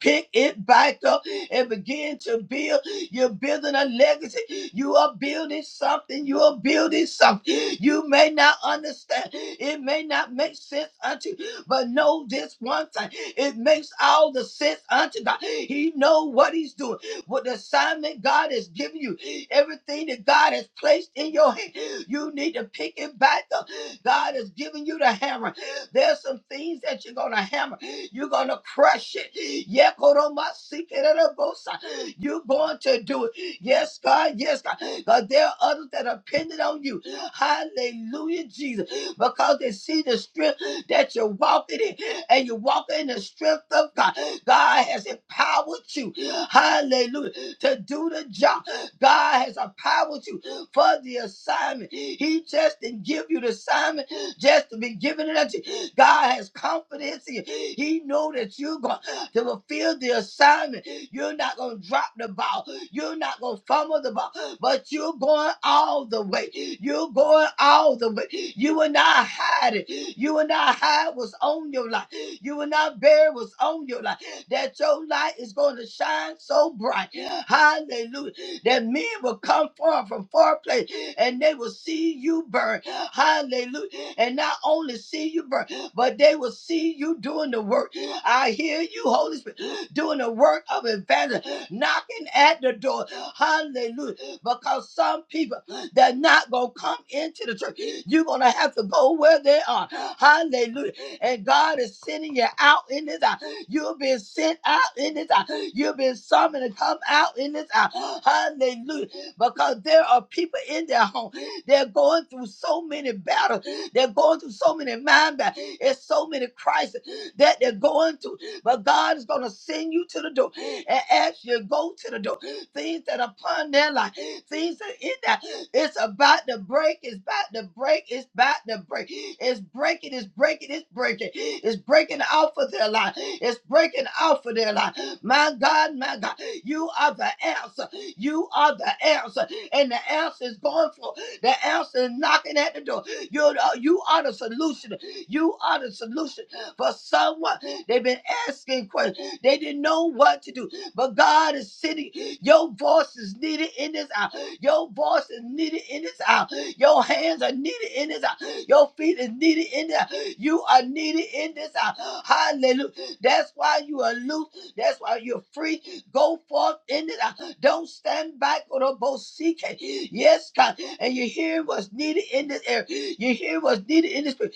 Speaker 1: pick it back up and begin to build. You're building a legacy. You are building something. You are building something. You may not understand. It may not make sense unto you, but know this one thing. It makes all the sense unto God. He know what he's doing. What the assignment God has given you, everything that God has placed in your hand, you need to pick it back up. God has given you the hammer. There's some things that you're gonna hammer. You're gonna crush it. Yekoromasikerabosa. You're going to do it. Yes, God. Yes, God. But there are others that are dependent on you. Hallelujah, Jesus. Because they see the strength that you're walking in, and you're walking in the strength of God. God has empowered you. Hallelujah. To do the job. God has empowered you for the assignment. He just didn't give you the assignment just to be given it unto you. God has confidence in you. He know that you're going to fulfill the assignment. You're not going to drop the ball. You're not going to fumble the ball, but you're going all the way. You're going all the way. You will not hide it. You will not hide what's on your life. You will not bear what's on your life. That your light is going to shine so bright. Hallelujah. That men will come far from far place and they will see you burn. Hallelujah. And not only see you burn, but they will see you doing the work. I hear you, Holy Spirit, doing the work of evangelism, knocking at the door. Hallelujah. Because some people they're not going to come into the church. You're going to have to go where they are. Hallelujah. And God is sending you out in this hour. You've been sent out in this hour. You've been summoned to come out in this hour. Hallelujah. Because there are people in their home. They're going through so many battles. They're going through so many mind battles. It's so many crises that they're going through. But God is going to send you to the door. And as you go to the door things that are upon their life, things that in that it's about to break, it's about to break, it's about to break, it's breaking, it's breaking, it's breaking, it's breaking off of their life, it's breaking off of their life. My God, my God, you are the answer, you are the answer, and the answer is going for the answer is knocking at the door. You're the, you are the solution, you are the solution for someone. They've been asking questions, they didn't know what to do. But God is sitting. Your voice is needed in this hour. Your voice is needed in this hour. Your hands are needed in this hour. Your feet is needed in this hour. You are needed in this hour. Hallelujah. That's why you are loose. That's why you're free. Go forth in this hour. Don't stand back on a bosike. Yes, God. And you hear what's needed in this area. You hear what's needed in this place.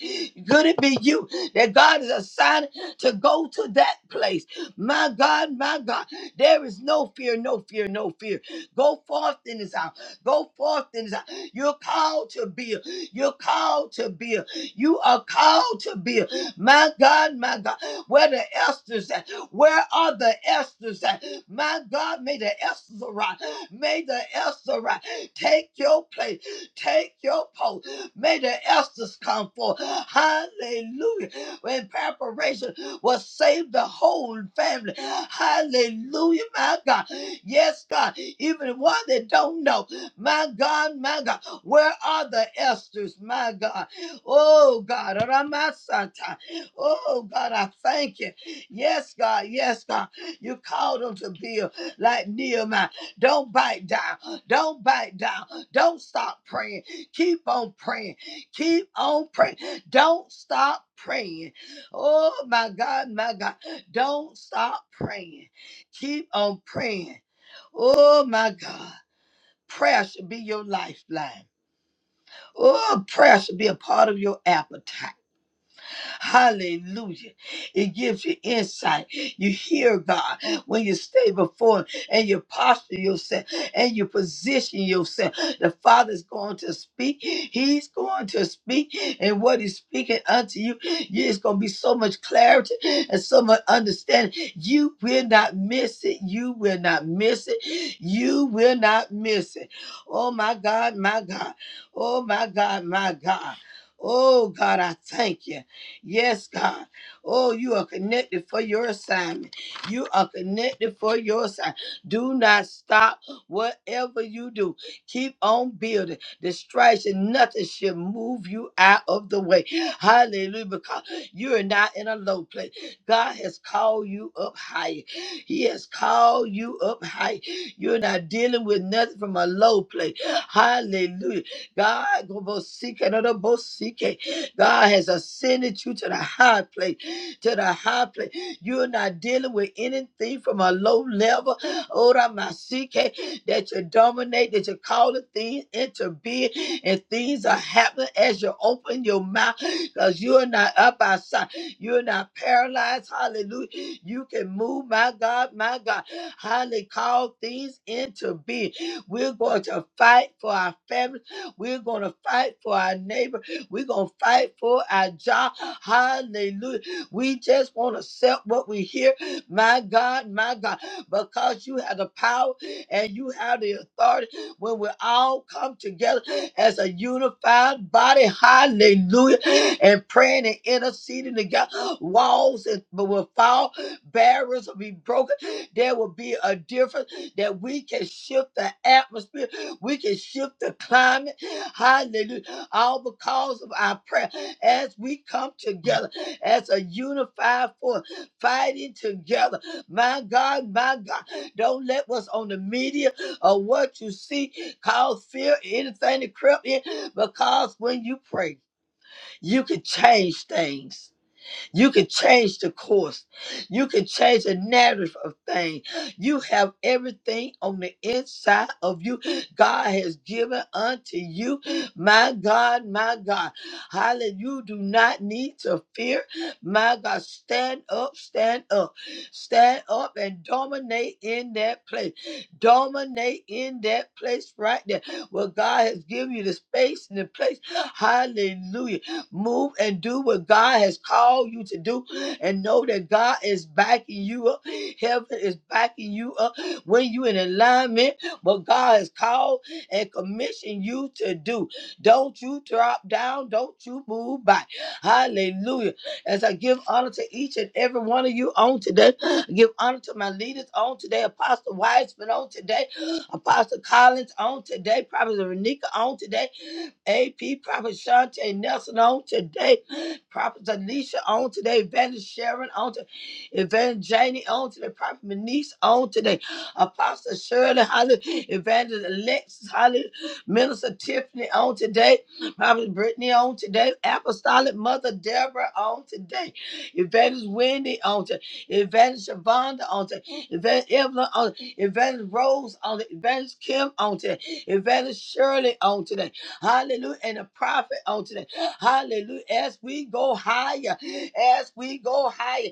Speaker 1: Could it be you that God is assigned to go to that place? My God, my God. There is no fear, no fear, no fear. Go forth in this hour. Go forth in this hour. You're called to be. You're called to be. You are called to be. My God, my God. Where the Esther's at? Where are the Esther's at? My God, may the Esther's arrive. May the Esther arrive. Take your place. Take your post. May the Esther's come forth. Hallelujah. In preparation will save the whole family. Hallelujah, my God. Yes, God. Even one that don't know. My God, my God. Where are the Esters, my God? Oh, God. Ramasata. Oh, God, I thank you. Yes, God. Yes, God. You called them to build like Nehemiah. Don't bite down. Don't bite down. Don't stop praying. Keep on praying. Keep on praying. Don't stop praying. Oh my God, my God. Don't stop praying. Keep on praying. Oh my God. Prayer should be your lifeline. Oh, prayer should be a part of your appetite. Hallelujah. It gives you insight. You hear God when you stay before Him and you posture yourself and you position yourself. The Father's going to speak. He's going to speak. And what He's speaking unto you, you- it's going to be so much clarity and so much understanding. You will not miss it. You will not miss it. You will not miss it. Oh, my God, my God. Oh, my God, my God. Oh, God, I thank you. Yes, God. Oh, you are connected for your assignment. You are connected for your assignment. Do not stop whatever you do. Keep on building. Distraction, nothing should move you out of the way. Hallelujah. Because you're not in a low place. God has called you up higher. He has called you up higher. You're not dealing with nothing from a low place. Hallelujah. God, go both seek another both seek. God has ascended you to the high place, to the high place. You're not dealing with anything from a low level. Ora masike, that you dominate, that you call the thing into being, and things are happening as you open your mouth because you're not up outside. You're not paralyzed. Hallelujah. You can move, my God, my God. Hallelujah. Call things into being. We're going to fight for our family. We're going to fight for our neighbor. We're going to fight for our job. Hallelujah. We just want to accept what we hear. My God, my God, because you have the power and you have the authority when we all come together as a unified body. Hallelujah. And praying and interceding together. Walls and- will fall, barriers will be broken. There will be a difference that we can shift the atmosphere. We can shift the climate. Hallelujah all because of our prayer as we come together as a unified force fighting together my god my god don't let what's on the media or what you see cause fear anything to creep in because when you pray you can change things you can change the course. You can change the narrative of things. You have everything on the inside of you. God has given unto you. My God, my God. Hallelujah. You do not need to fear. My God, stand up, stand up. Stand up and dominate in that place. Dominate in that place right there. Where God has given you the space and the place. Hallelujah Move and do what God has called you to do and know that God is backing you up. Heaven is backing you up when you in alignment what God has called and commissioned you to do. Don't you drop down. Don't you move back. Hallelujah. As I give honor to each and every one of you on today, I give honor to my leaders on today, Apostle Wiseman on today, Apostle Collins on today, Prophet Renika on today, AP, Prophet Shante Nelson on today, Prophet Alicia on today, Evangelist Sharon on today, Evangelist Janie on today, Prophet Manise on today, Apostle Shirley Holly, Evangelist Alexis Holly, Minister Tiffany on today, Prophet Brittany on today, Apostolic Mother Deborah on today, Evangelist Wendy on today, Evangelist Shavonda on today, Evangelist Evelyn on today, Evangelist Rose on today, Evangelist Kim on today, Evangelist Shirley on today. Hallelujah. And a prophet on today. Hallelujah. As we go higher, as we go higher,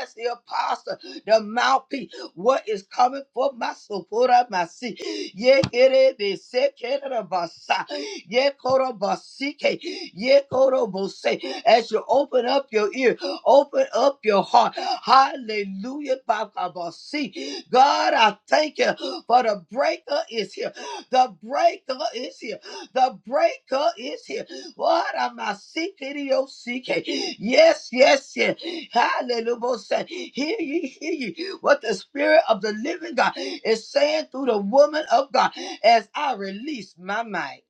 Speaker 1: as the apostle, the mouthpiece, what is coming for my soul, for my seat. Ye kere be se kere basa. Ye koro basike. Ye koro bose. As you open up your ear, open up your heart. Hallelujah. Baka basi. God, I thank you for the breaker is here. The breaker is here. The breaker is here. What am I seeking? your seeking? Yes, yes, yes. Hallelujah. Say, Hear ye, hear ye. What the Spirit of the living God is saying through the woman of God as I release my mic.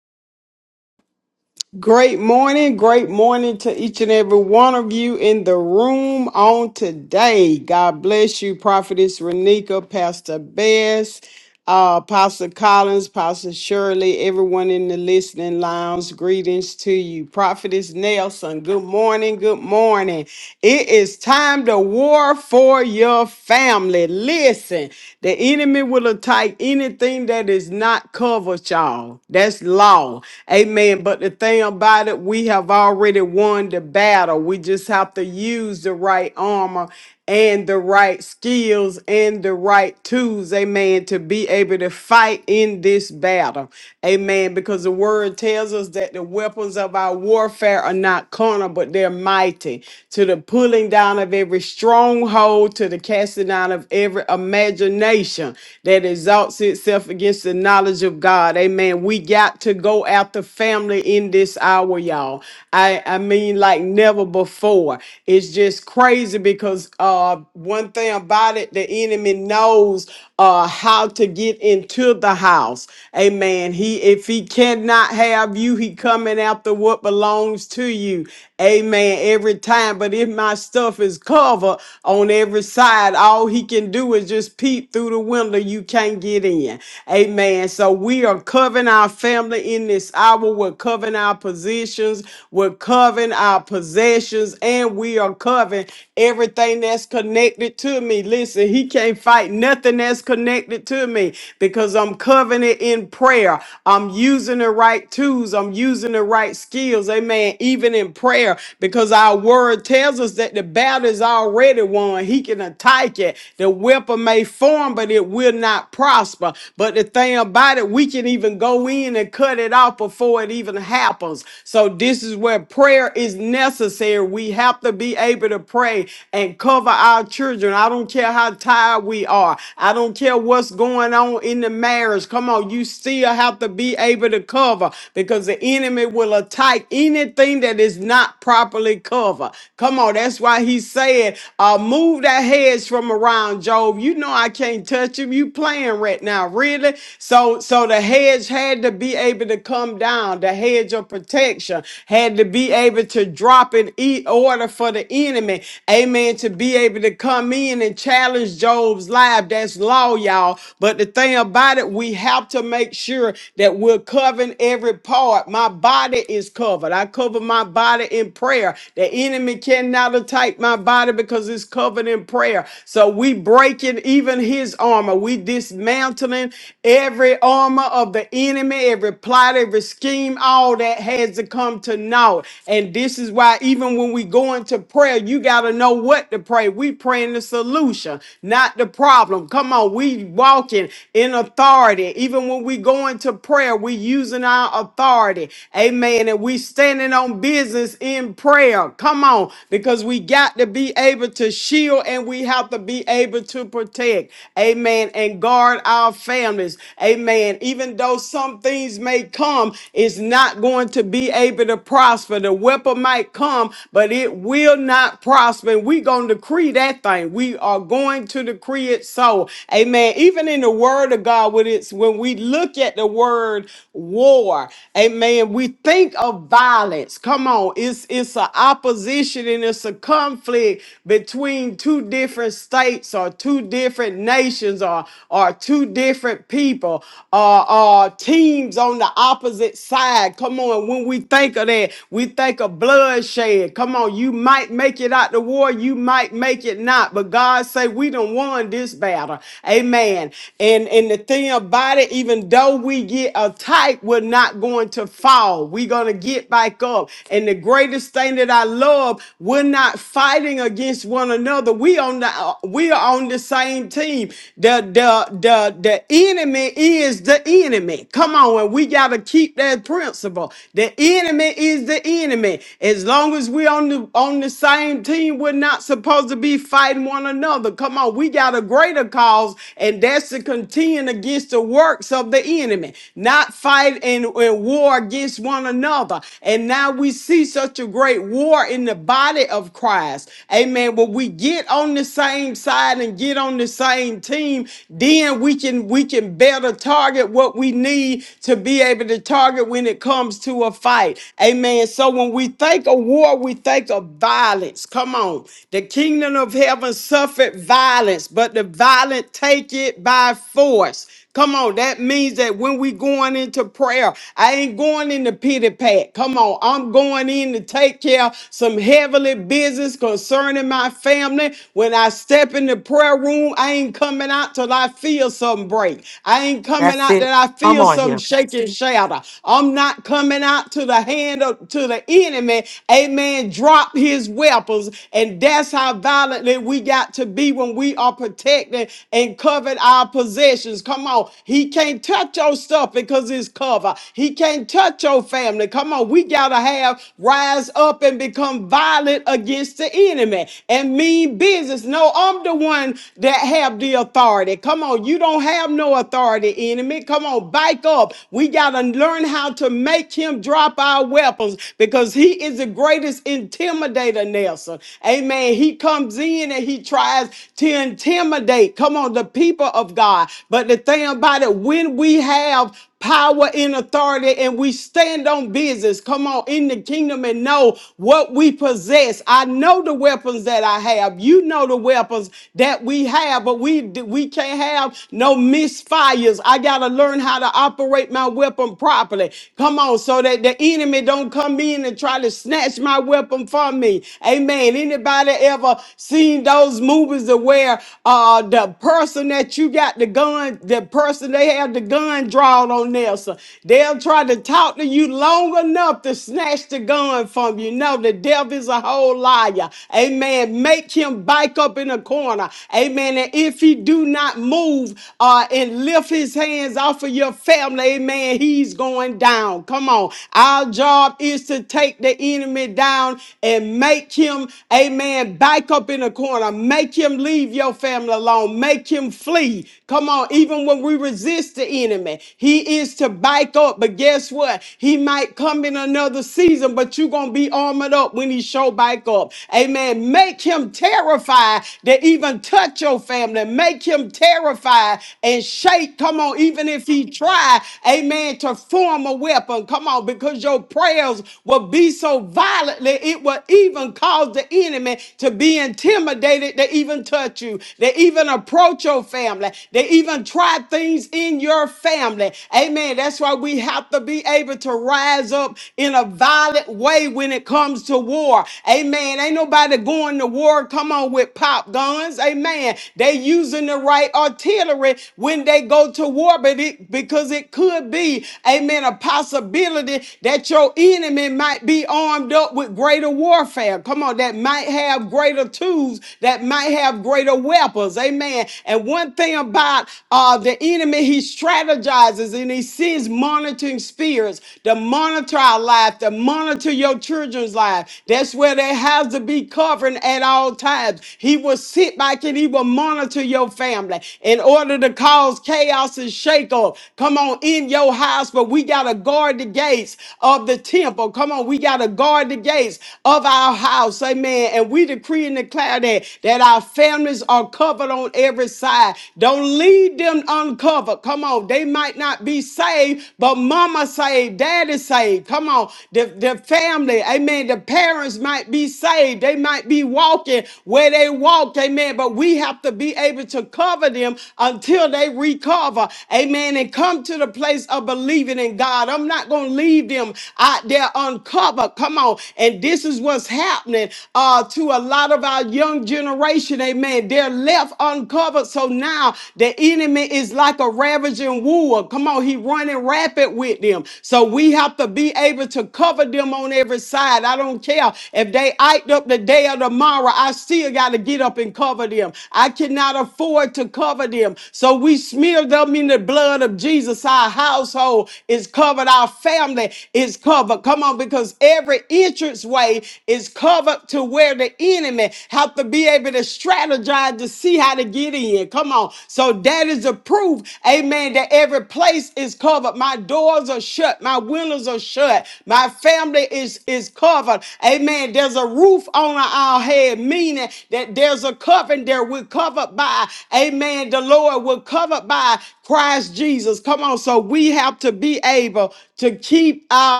Speaker 3: Great morning, great morning to each and every one of you in the room on today. God bless you, Prophetess Renika, Pastor Bess, uh, Pastor Collins, Pastor Shirley, everyone in the listening lounge. Greetings to you, Prophetess Nelson. Good morning, good morning. It is time to war for your family. Listen, the enemy will attack anything that is not covered, y'all. That's law. Amen. But the thing about it, we have already won the battle. We just have to use the right armor and the right skills and the right tools, amen, to be able to fight in this battle, amen. Because the word tells us that the weapons of our warfare are not carnal, but they're mighty to the pulling down of every stronghold, to the casting down of of every imagination that exalts itself against the knowledge of God. Amen. We got to go after family in this hour, y'all. I, I mean, like never before. It's just crazy because uh, one thing about it, the enemy knows uh, how to get into the house. Amen. He, if he cannot have you, he coming after what belongs to you. Amen. Every time, but if my stuff is covered on every inside, all he can do is just peep through the window. You can't get in. Amen. So we are covering our family in this hour. We're covering our positions. We're covering our possessions. And we are covering everything that's connected to me. Listen, he can't fight nothing that's connected to me because I'm covering it in prayer. I'm using the right tools. I'm using the right skills. Amen. Even in prayer, because our word tells us that the battle is already already won. He can attack it. The weapon may form, but it will not prosper. But the thing about it, we can even go in and cut it off before it even happens. So this is where prayer is necessary. We have to be able to pray and cover our children. I don't care how tired we are. I don't care what's going on in the marriage. Come on, you still have to be able to cover because the enemy will attack anything that is not properly covered. Come on law. That's why he said, uh, move that hedge from around Job. You know I can't touch him. You playing right now, really? So so the hedge had to be able to come down. The hedge of protection had to be able to drop an eat order for the enemy. Amen. To be able to come in and challenge Job's life. That's law, y'all. But the thing about it, we have to make sure that we're covering every part. My body is covered. I cover my body in prayer. The enemy cannot attack my body because it's covered in prayer. So we breaking even his armor. We dismantling every armor of the enemy, every plot, every scheme, all that has to come to naught. And this is why even when we go into prayer, you got to know what to pray. We praying the solution, not the problem. Come on, we walking in authority. Even when we go into prayer, we using our authority. Amen. And we standing on business business in prayer. Come on, because we got to be able to shield and we have to be able to protect. Amen. And guard our families. Amen. Even though some things may come, it's not going to be able to prosper. The weapon might come, but it will not prosper. And we're going to decree that thing. We are going to decree it so. Amen. Even in the word of God, when it's when we look at the word war, amen, we think of of violence. Come on, it's it's an opposition and it's a conflict between two different states or two different nations or or two different people or, or teams on the opposite side. Come on, when we think of that, we think of bloodshed. Come on, you might make it out the war, you might make it not, but God say we done won this battle. Amen. And and the thing about it, even though we get attacked, we're not going to to fall. We're going to get back up. And the greatest thing that I love, we're not fighting against one another. We on the we are on the same team. The the the the enemy is the enemy. Come on, and we got to keep that principle. The enemy is the enemy. As long as we on the on the same team, we're not supposed to be fighting one another. Come on, we got a greater cause, and that's to contend against the works of the enemy, not fight strive and, and war against one another. And now we see such a great war in the body of Christ. Amen. When we get on the same side and get on the same team, then we can we can better target what we need to be able to target when it comes to a fight. Amen. So when we think of war, we think of violence. Come on. The kingdom of heaven suffered violence, but the violent take it by force. Come on, that means that when we going into prayer, I ain't going in the pity pat. Come on, I'm going in to take care of some heavenly business concerning my family. When I step in the prayer room, I ain't coming out till I feel something break. I ain't coming
Speaker 4: That's
Speaker 3: out
Speaker 4: it.
Speaker 3: that I
Speaker 4: I'm
Speaker 3: feel
Speaker 4: on
Speaker 3: something
Speaker 4: here.
Speaker 3: shaking and shatter. I'm not coming out to the hand of to the enemy. Amen. Drop his weapons. And that's how violently we got to be when we are protected and covered our our possessions. Come on. He can't touch your stuff because it's covered. He can't touch your family. Come on. We got to have rise up and become violent against the enemy and mean business. No, I'm the one that have the authority. Come on. You don't have no authority, enemy. Come on. Bike up. We got to learn how to make him drop our weapons because he is the greatest intimidator, Nelson. Amen. He comes in and he tries to intimidate. Come on. Come on, the people of God. But the thing about it, when we have power and authority and we stand on business, come on, in the kingdom and know what we possess. I know the weapons that I have. You know the weapons that we have, but we we can't have no misfires. I gotta learn how to operate my weapon properly. Come on, so that the enemy don't come in and try to snatch my weapon from me. Amen. Anybody ever seen those movies of where uh, the person that you got the gun, the person they have the gun drawn on there. So they'll try to talk to you long enough to snatch the gun from you. No, the devil is a whole liar. Amen. Make him back up in a corner. Amen. And if he do not move uh, and lift his hands off of your family, amen, he's going down. Come on. Our job is to take the enemy down and make him, amen, back up in a corner. Make him leave your family alone. Make him flee. Come on, even when we resist the enemy, he is to back up. But guess what? He might come in another season, but you're gonna be armored up when he show back up. Amen. Make him terrified to even touch your family. Make him terrified and shake. Come on, even if he try, amen, to form a weapon. Come on, because your prayers will be so violently, it will even cause the enemy to be in be intimidated to even touch you. They even approach your family. They even try things in your family. Amen. That's why we have to be able to rise up in a violent way when it comes to war. Amen. Ain't nobody going to war. Come on with pop guns. Amen. They using the right artillery when they go to war, but it because it could be, amen, a possibility that your enemy might be armed up with greater warfare. Come on, that might might have greater tools, that might have greater weapons. Amen. And one thing about uh, the enemy, he strategizes and he sends monitoring spirits to monitor our life, to monitor your children's life. That's where they have to be covering at all times. He will sit back and he will monitor your family in order to cause chaos and shake up. Come on in your house, but we got to guard the gates of the temple. Come on, we got to guard the gates of our our house. Amen. And we decree and declare that, that our families are covered on every side. Don't leave them uncovered. Come on. They might not be saved, but mama saved, daddy saved. Come on. The, the family, amen. The parents might be saved. They might be walking where they walked. Amen. But we have to be able to cover them until they recover. Amen. And come to the place of believing in God. I'm not going to leave them out there uncovered. Come on on. And this is what's happening uh, to a lot of our young generation. Amen. They're left uncovered. So now the enemy is like a ravaging wolf. Come on, he running rapid with them. So we have to be able to cover them on every side. I don't care if they act up the day or tomorrow. I still got to get up and cover them. I cannot afford to cover them. So we smear them in the blood of Jesus. Our household is covered. Our family is covered. Come on, because because every entranceway is covered to where the enemy have to be able to strategize to see how to get in. Come on. So that is a proof, amen, that every place is covered. My doors are shut. My windows are shut. My family is, is covered. Amen. There's a roof on our head, meaning that there's a covering there. We're covered by, amen, the Lord. We're covered by Christ Jesus. Come on. So we have to be able to keep our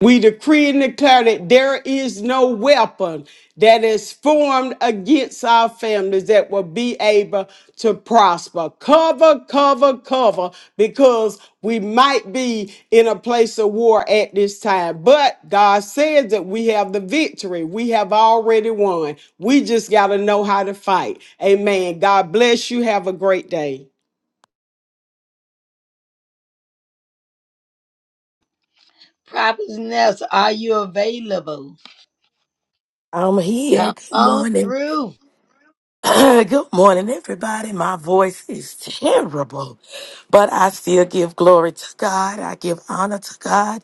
Speaker 3: we decree and declare that there is no weapon that is formed against our families that will be able to prosper. Cover, cover, cover, because we might be in a place of war at this time. But God says that we have the victory. We have already won. We just got to know how to fight. Amen. God bless you. Have a great day.
Speaker 1: Prophet Ness, are you available?
Speaker 4: I'm here.
Speaker 1: Come
Speaker 4: Good
Speaker 1: on
Speaker 4: morning.
Speaker 1: through.
Speaker 4: Good morning, everybody. My voice is terrible, but I still give glory to God. I give honor to God.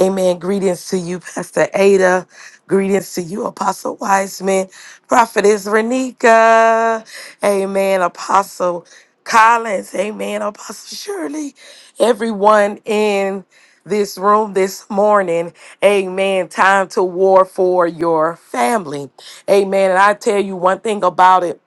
Speaker 4: Amen. Greetings to you, Pastor Ada. Greetings to you, Apostle Wiseman, Prophetess Renika, Amen, Apostle Collins, Amen, Apostle Shirley, everyone in this room this morning. Amen. Time to war for your family. Amen. And I tell you one thing about it.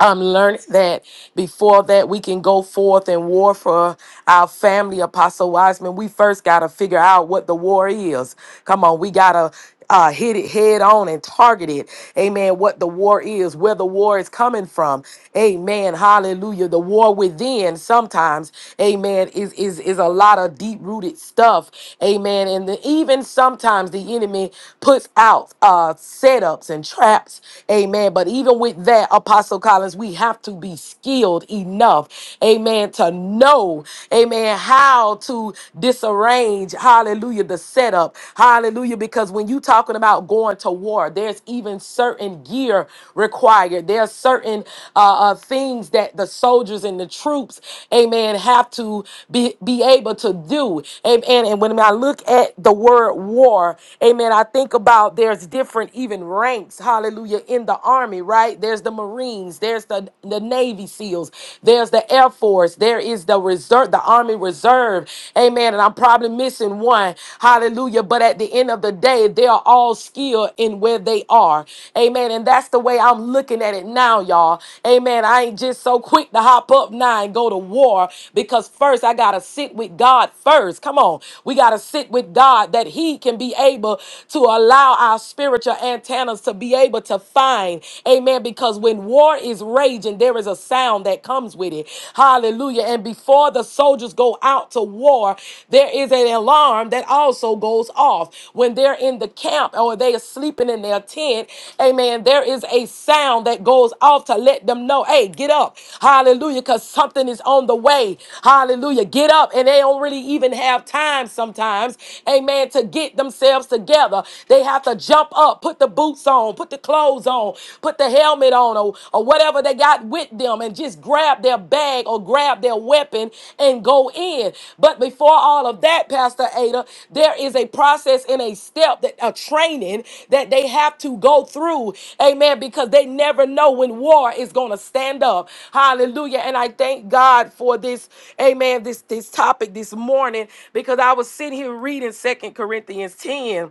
Speaker 4: I'm learning that before that we can go forth and war for our family, Apostle Wiseman. We first got to figure out what the war is. Come on, we got to uh, hit it head on and target it. Amen. What the war is, where the war is coming from. Amen. Hallelujah. The war within sometimes, amen, is, is, is a lot of deep rooted stuff. Amen. And the, even sometimes the enemy puts out uh, setups and traps. Amen. But even with with that, Apostle Collins, we have to be skilled enough, amen, to know, amen, how to disarrange, hallelujah, the setup, hallelujah, because when you talking about going to war, there's even certain gear required. There are certain uh, uh, things that the soldiers and the troops, amen, have to be, be able to do. Amen. And when I look at the word war, amen, I think about there's different even ranks, hallelujah, in the army, right? There's the Marines, there's the, the Navy SEALs, there's the Air Force, there is the reserve, the Army Reserve. Amen. And I'm probably missing one. Hallelujah. But at the end of the day, they are all skilled in where they are. Amen. And that's the way I'm looking at it now, y'all. Amen. I ain't just so quick to hop up now and go to war because first I gotta sit with God first. Come on. We gotta sit with God that He can be able to allow our spiritual antenna antennas to be able to find. Amen. Because when war is raging, there is a sound that comes with it. Hallelujah. And before the soldiers go out to war, there is an alarm that also goes off. When they're in the camp or they are sleeping in their tent, amen, there is a sound that goes off to let them know, hey, get up. Hallelujah. Because something is on the way. Hallelujah. Get up. And they don't really even have time sometimes, amen, to get themselves together. They have to jump up, put the boots on, put the clothes on, put the helmet on, or, or whatever they got with them, and just grab their bag or grab their weapon and go in. But before all of that, Pastor Ada, there is a process and a step that a training that they have to go through. Amen. Because they never know when war is going to stand up. Hallelujah. And I thank God for this, amen, this this topic this morning because I was sitting here reading Second Corinthians 10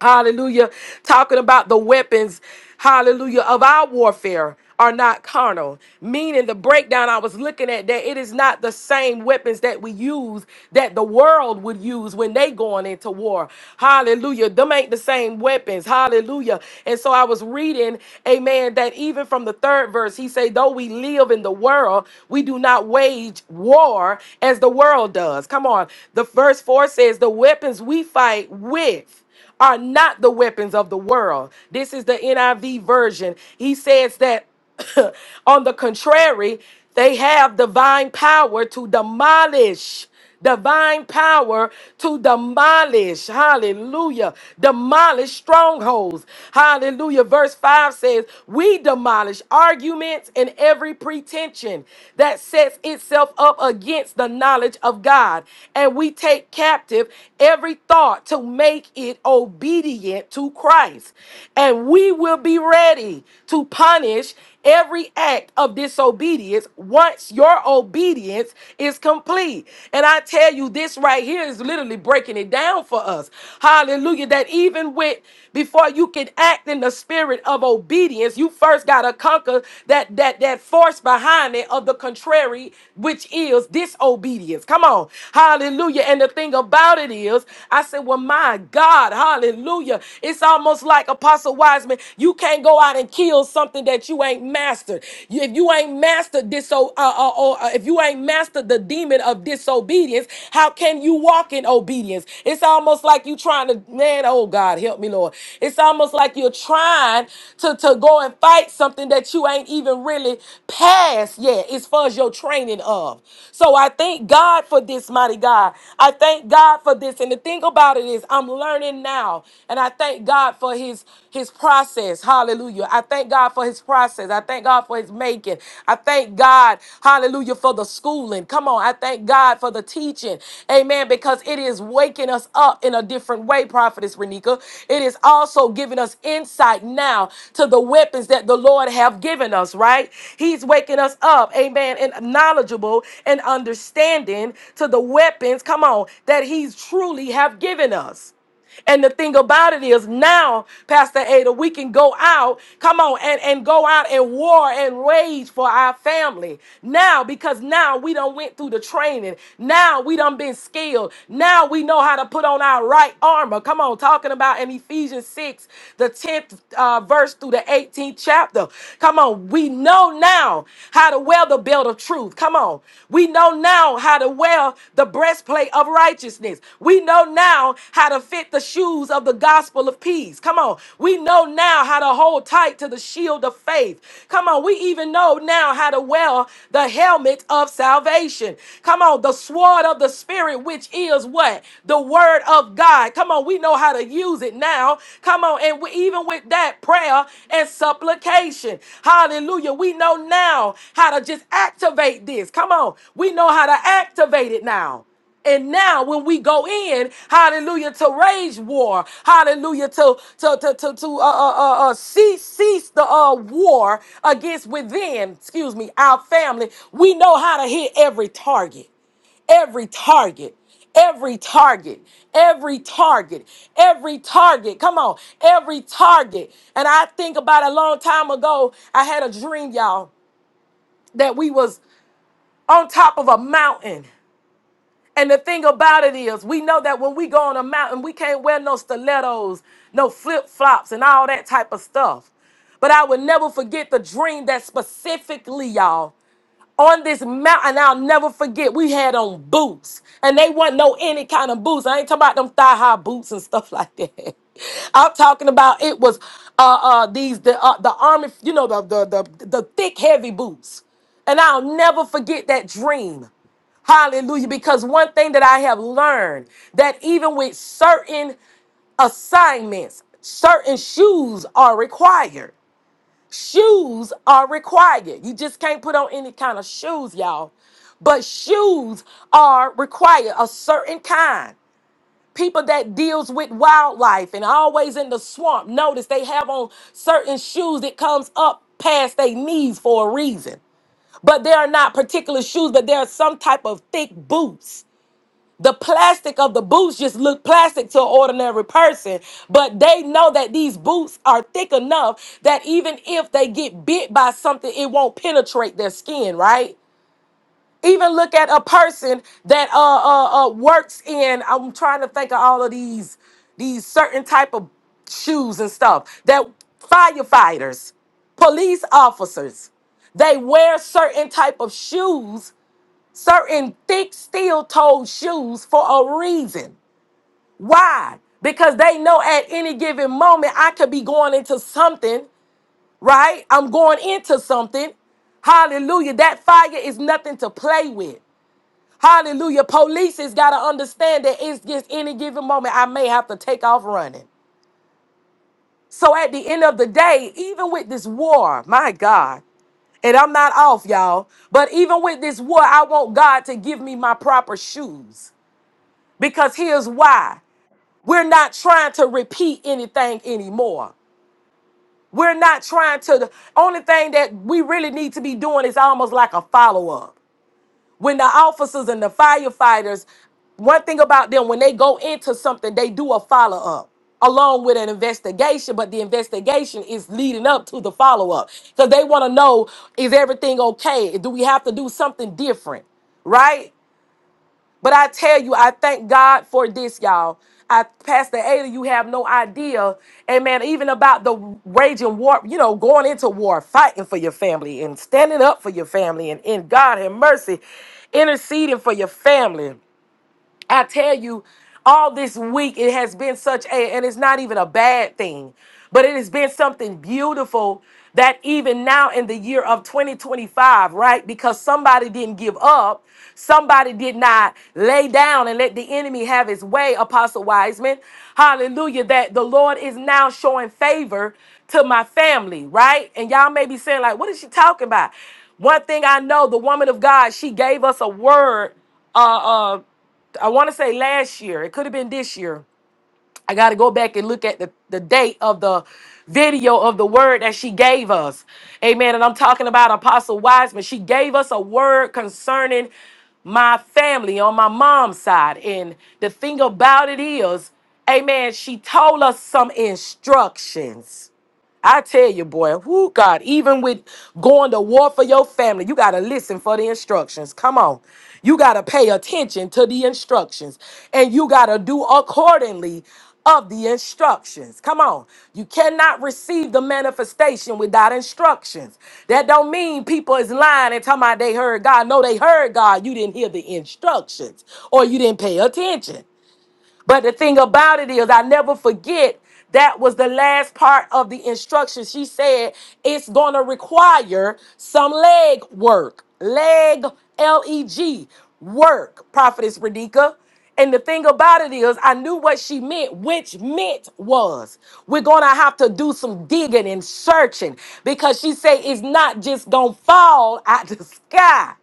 Speaker 4: Hallelujah. Talking about the weapons, hallelujah, of our warfare are not carnal. Meaning the breakdown I was looking at that it is not the same weapons that we use that the world would use when they going into war. Hallelujah. Them ain't the same weapons. Hallelujah. And so I was reading, amen, that even from the third verse, he say, though we live in the world, we do not wage war as the world does. Come on. The verse four says, the weapons we fight with are not the weapons of the world. This is the NIV version. He says that on the contrary, they have divine power to demolish. Divine power to demolish, hallelujah, demolish strongholds, hallelujah. Verse 5 says, We demolish arguments and every pretension that sets itself up against the knowledge of God, and we take it captive, every thought to make it obedient to Christ. And we will be ready to punish every act of disobedience once your obedience is complete. And I tell you, this right here is literally breaking it down for us. Hallelujah. That even with before you can act in the spirit of obedience, you first gotta conquer that that that force behind it of the contrary, which is feels disobedience. Come on. Hallelujah. And the thing about it is, I said, well, my God, hallelujah. It's almost like Apostle Wiseman, you can't go out and kill something that you ain't mastered. You- If you ain't mastered this, uh, uh, uh, or uh, if you ain't mastered the demon of disobedience, how can you walk in obedience? It's almost like you trying to, man, oh God, help me, Lord. It's almost like you're trying to, to go and fight something that you ain't even really past yet. as far as your training of. So I thank God for this, mighty God. I thank God for this. And the thing about it is I'm learning now. And I thank God for his his process. Hallelujah. I thank God for his process. I thank God for his making. I thank God, hallelujah, for the schooling. Come on. I thank God for the teaching. Amen. Because it is waking us up in a different way, Prophetess Renika. It is also giving us insight now to the the weapons that the Lord have given us, right? He's waking us up, amen, and knowledgeable and understanding to the weapons, come on, that he's truly have given us. And the thing about it is now, Pastor Ada, we can go out, come on, and, and go out and war and rage for our family. Now, because now we done went through the training. Now we done been skilled. Now we know how to put on our right armor. Come on, talking about an Ephesians 6, the 10th uh, verse through the 18th chapter. Come on, we know now how to wear the belt of truth. Come on, we know now how to wear the breastplate of righteousness. We know now how to fit the shoes of the gospel of peace. Come on, we know now how to hold tight to the shield of faith. Come on, we even know now how to wear the helmet of salvation. Come on, the sword of the spirit, which is what? The the word of God. Come on, we know how to use it now. Come on, and we, even with that prayer and supplication, hallelujah, we know now how to just activate this. Come on, we know how to activate it now. And now when we go in, hallelujah, to rage war, hallelujah, to to to to, to uh, uh, uh, uh, cease cease the uh, war against within, excuse me, our family, we know how to hit every target every target every target every target every target come on every target and i think about a long time ago i had a dream y'all that we was on top of a mountain and the thing about it is, we know that when we go on a mountain, we can't wear no stilettos, no flip flops, and all that type of stuff. But I will never forget the dream that specifically, y'all, on this mountain, I'll never forget, we had on boots. And they wasn't no any kind of boots. I ain't talking about them thigh high boots and stuff like that. I'm talking about it was uh uh these the uh, the army, you know, the the the the thick heavy boots. And I'll never forget that dream. Hallelujah. Because one thing that I have learned that even with certain assignments, certain shoes are required. Shoes are required. You just can't put on any kind of shoes, y'all. But shoes are required, a certain kind. People that deals with wildlife and always in the swamp, notice they have on certain shoes that comes up past their knees for a reason. But they are not particular shoes, but they are some type of thick boots the plastic of the boots just look plastic to an ordinary person, but they know that these boots are thick enough that even if they get bit by something, it won't penetrate their skin, right? Even look at a person that uh, uh, uh works in. I'm trying to think of all of these these certain type of shoes and stuff that firefighters, police officers, they wear certain type of shoes certain thick steel toed shoes for a reason. Why? Because they know at any given moment I could be going into something, right? I'm going into something. Hallelujah. That fire is nothing to play with. Hallelujah. Police has got to understand that it's just any given moment I may have to take off running. So at the end of the day, even with this war, my God, and I'm not off, y'all. But even with this war, I want God to give me my proper shoes. Because here's why we're not trying to repeat anything anymore. We're not trying to. The only thing that we really need to be doing is almost like a follow up. When the officers and the firefighters, one thing about them, when they go into something, they do a follow up along with an investigation, but the investigation is leading up to the follow up. Because they want to know is everything okay? Do we have to do something different? Right? But I tell you, I thank God for this, y'all. I Pastor Ada, you have no idea, amen, even about the raging war, you know, going into war, fighting for your family and standing up for your family and in God have mercy, interceding for your family. I tell you, all this week it has been such a, and it's not even a bad thing, but it has been something beautiful that even now in the year of 2025, right? Because somebody didn't give up, somebody did not lay down and let the enemy have his way, Apostle Wiseman. Hallelujah, that the Lord is now showing favor to my family, right? And y'all may be saying, like, what is she talking about? One thing I know, the woman of God, she gave us a word. Uh, uh, I want to say last year. It could have been this year. I got to go back and look at the, the date of the video of the word that she gave us. Amen. And I'm talking about Apostle Wiseman. She gave us a word concerning my family on my mom's side. And the thing about it is, amen, she told us some instructions. I tell you, boy, who God, even with going to war for your family, you got to listen for the instructions. Come on. You got to pay attention to the instructions and you got to do accordingly of the instructions. Come on. You cannot receive the manifestation without instructions. That don't mean people is lying and talking about they heard God. No, they heard God. You didn't hear the instructions or you didn't pay attention. But the thing about it is, I never forget that was the last part of the instruction. She said it's going to require some leg work, leg, L E G, work, Prophetess Radika. And the thing about it is, I knew what she meant, which meant was we're gonna have to do some digging and searching because she said it's not just gonna fall out the sky.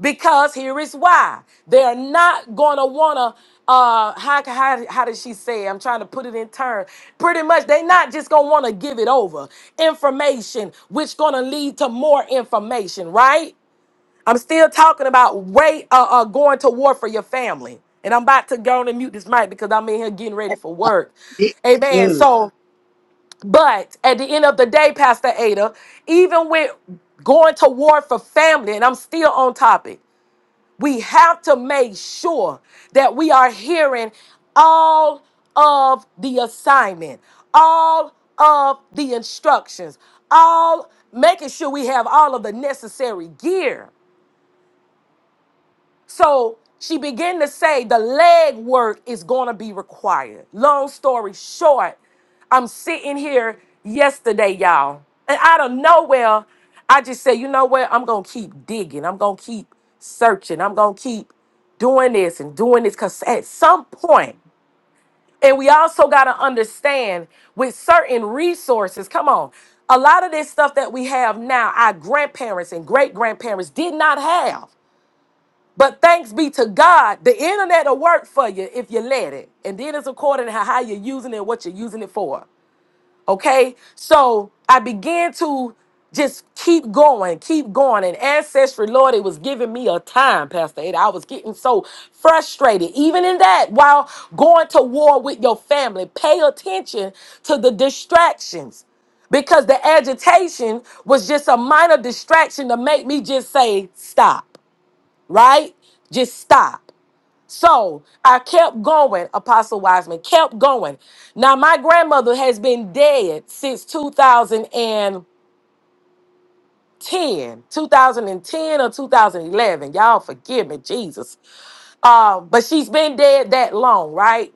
Speaker 4: Because here is why. They're not gonna wanna uh how how how did she say? it? I'm trying to put it in turn. Pretty much they're not just gonna wanna give it over. Information which gonna lead to more information, right? I'm still talking about way uh, uh going to war for your family. And I'm about to go on and mute this mic because I'm in here getting ready
Speaker 1: Yes,
Speaker 4: for work.
Speaker 1: It's
Speaker 4: Amen.
Speaker 1: good.
Speaker 4: So, but at the end of the day, Pastor Ada, even with going to war for family, and I'm still on topic, we have to make sure that we are hearing all of the assignment, all of the instructions, all making sure we have all of the necessary gear so she began to say the leg work is going to be required. Long story short, I'm sitting here yesterday, y'all, and out of nowhere, I just said, you know what? I'm going to keep digging. I'm going to keep searching. I'm going to keep doing this and doing this because at some point, and we also got to understand with certain resources, come on, a lot of this stuff that we have now, our grandparents and great grandparents did not have. But thanks be to God, the internet will work for you if you let it. And then it's according to how you're using it, what you're using it for. Okay? So I began to just keep going, keep going. And Ancestry, Lord, it was giving me a time, Pastor Ada. I was getting so frustrated. Even in that, while going to war with your family, pay attention to the distractions because the agitation was just a minor distraction to make me just say, stop right? Just stop. So I kept going, Apostle Wiseman, kept going. Now, my grandmother has been dead since two thousand and ten, two thousand and ten or 2011. Y'all forgive me, Jesus. Uh, but she's been dead that long, right?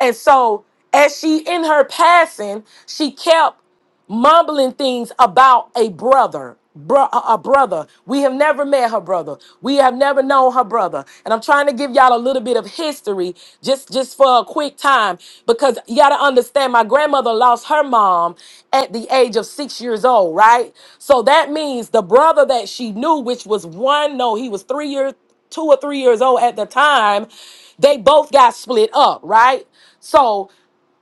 Speaker 4: And so, as she in her passing, she kept mumbling things about a brother. Bro, a brother. We have never met her brother. We have never known her brother. And I'm trying to give y'all a little bit of history just just for a quick time because you got to understand my grandmother lost her mom at the age of 6 years old, right? So that means the brother that she knew which was one no, he was 3 years two or three years old at the time, they both got split up, right? So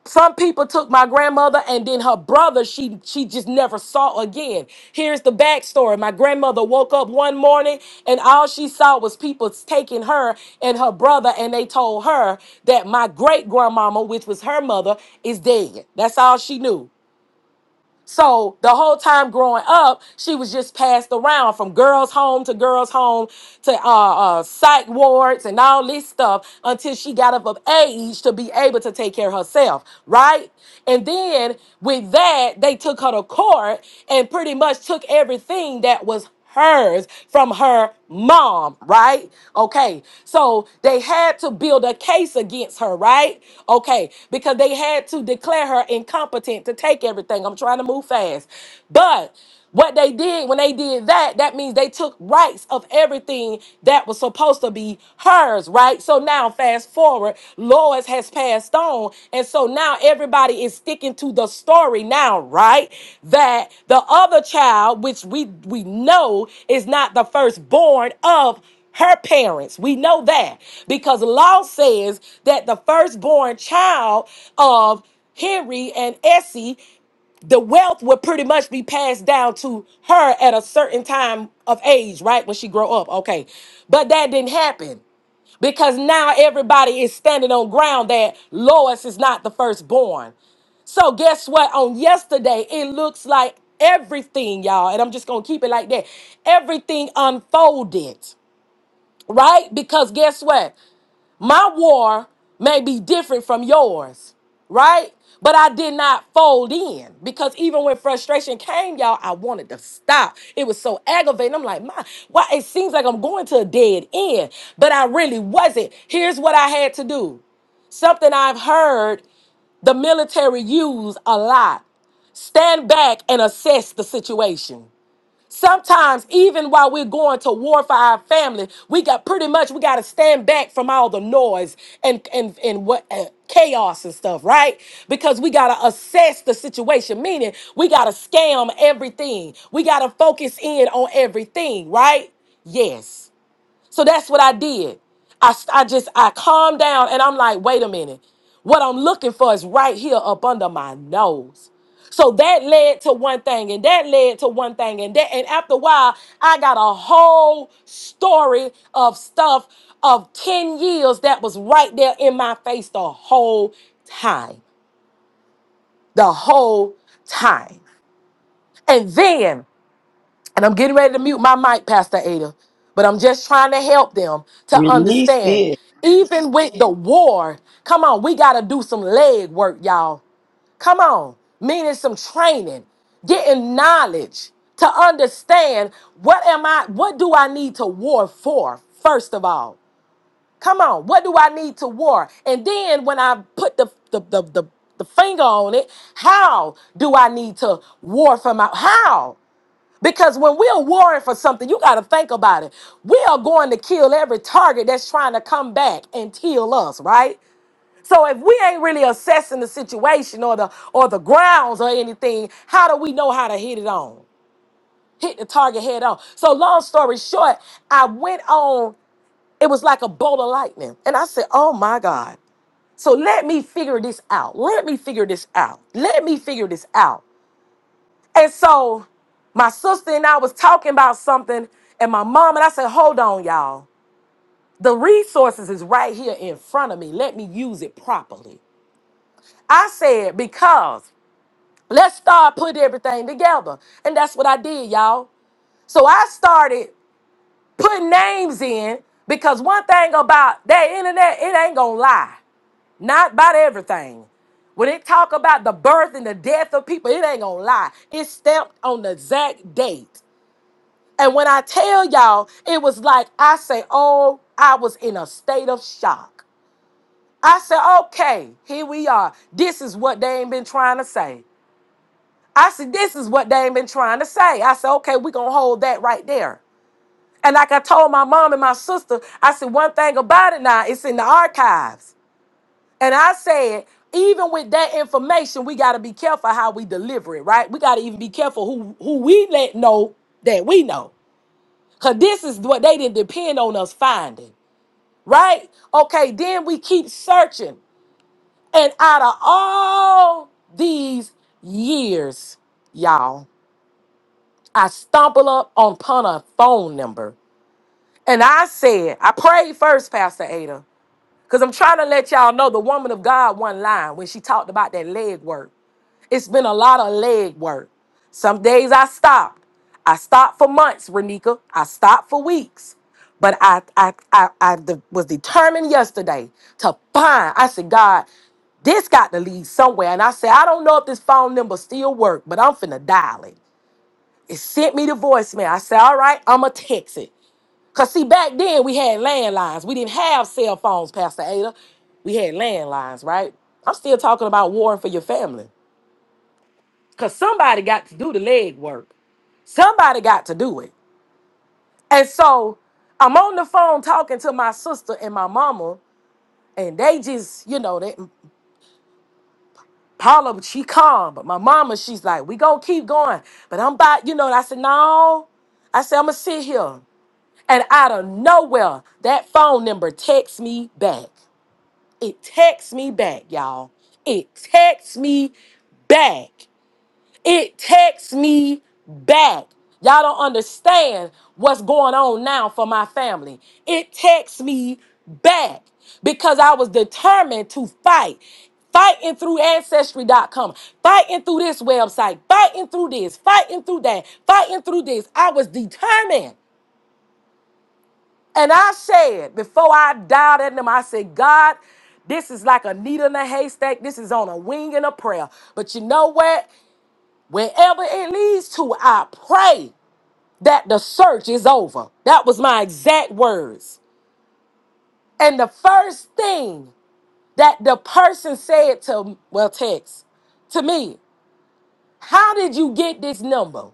Speaker 4: some people took my grandmother and then her brother, she she just never saw again. Here's the backstory. My grandmother woke up one morning and all she saw was people taking her and her brother, and they told her that my great grandmama, which was her mother, is dead. That's all she knew. So the whole time growing up, she was just passed around from girls' home to girls' home to uh, uh, psych wards and all this stuff until she got up of age to be able to take care of herself, right? And then with that, they took her to court and pretty much took everything that was hers from her mom, right? Okay. So they had to build a case against her, right? Okay. Because they had to declare her incompetent to take everything. I'm trying to move fast. But what they did when they did that, that means they took rights of everything that was supposed to be hers, right? So now, fast fast forward, Lois has passed on. And so now everybody is sticking to the story now, right? That the other child, which we we know is not the firstborn of her parents. We know that because law says that the firstborn child of Henry and Essie the wealth would pretty much be passed down to her at a certain time of age, right? When she grow up. Okay. But that didn't happen because now everybody is standing on ground that Lois is not the firstborn. So guess what? On yesterday, it looks like everything, y'all, and I'm just gonna keep it like that. Everything unfolded, right? Because guess what? My war may be different from yours, right? But I did not fold in because even when frustration came, y'all, I wanted to stop. It was so aggravating. I'm like, my, why? It seems like I'm going to a dead end, but I really wasn't. Here's what I had to do something I've heard the military use a lot stand back and assess the situation. Sometimes, even while we're going to war for our family, we got pretty much we got to stand back from all the noise and and and what uh, chaos and stuff, right? Because we got to assess the situation, meaning we got to scam everything. We got to focus in on everything, right? Yes. So that's what I did. I, I just, I calmed down and I'm like, wait a minute. What I'm looking for is right here up under my nose. So that led to one thing and that led to one thing and that and after a while I got a whole story of stuff of 10 years that was right there in my face the whole time. The whole time. And then and I'm getting ready to mute my mic, Pastor Ada, but I'm just trying to help them to
Speaker 1: Release
Speaker 4: understand.
Speaker 1: this.
Speaker 4: Even with the war, come on, we got to do some leg work, y'all. Come on, meaning some training, getting knowledge to understand what am I, what do I need to war for, first of all. Come on, what do I need to war? And then when I put the the the, the, the finger on it, how do I need to war for my how? Because when we're warring for something, you got to think about it. We are going to kill every target that's trying to come back and kill us, right? So if we ain't really assessing the situation or the or the grounds or anything, how do we know how to hit it on? Hit the target head on. So long story short, I went on, it was like a bolt of lightning. And I said, "Oh my God. So let me figure this out. Let me figure this out. Let me figure this out." And so my sister and I was talking about something, and my mom and I said, Hold on, y'all. The resources is right here in front of me. Let me use it properly. I said, Because let's start putting everything together. And that's what I did, y'all. So I started putting names in because one thing about that internet, it ain't gonna lie. Not about everything. When it talk about the birth and the death of people, it ain't gonna lie. It's stamped on the exact date. And when I tell y'all, it was like I say, oh, I was in a state of shock. I said, okay, here we are. This is what they ain't been trying to say. I said, this is what they ain't been trying to say. I said, okay, we gonna hold that right there. And like I told my mom and my sister, I said, one thing about it now, it's in the archives. And I said, even with that information, we gotta be careful how we deliver it, right? We gotta even be careful who who we let know that we know. Because this is what they didn't depend on us finding, right? Okay, then we keep searching. And out of all these years, y'all, I stumble up upon a phone number. And I said, I prayed first, Pastor Ada, because I'm trying to let y'all know the woman of God one line when she talked about that leg work. It's been a lot of leg work. Some days I stopped. I stopped for months, Renika. I stopped for weeks. But I, I, I, I de- was determined yesterday to find. I said, God, this got to lead somewhere. And I said, I don't know if this phone number still work, but I'm finna dial it. It sent me the voicemail. I said, all right, I'ma text it. Cause see, back then we had landlines. We didn't have cell phones, Pastor Ada. We had landlines, right? I'm still talking about warring for your family. Because somebody got to do the leg work. Somebody got to do it. And so I'm on the phone talking to my sister and my mama, and they just, you know, that Paula, she calm, but my mama, she's like, we gonna keep going. But I'm about, you know, and I said, no. I said, I'm gonna sit here. And out of nowhere, that phone number texts me back. It texts me back, y'all. It texts me back. It takes me back. Y'all don't understand what's going on now for my family. It takes me back because I was determined to fight. Fighting through ancestry.com, fighting through this website, fighting through this, fighting through that, fighting through this. I was determined. And I said, before I dialed at them, I said, God, this is like a needle in a haystack. This is on a wing and a prayer. But you know what? Wherever it leads to, I pray that the search is over. That was my exact words. And the first thing that the person said to, well, text to me, how did you get this number?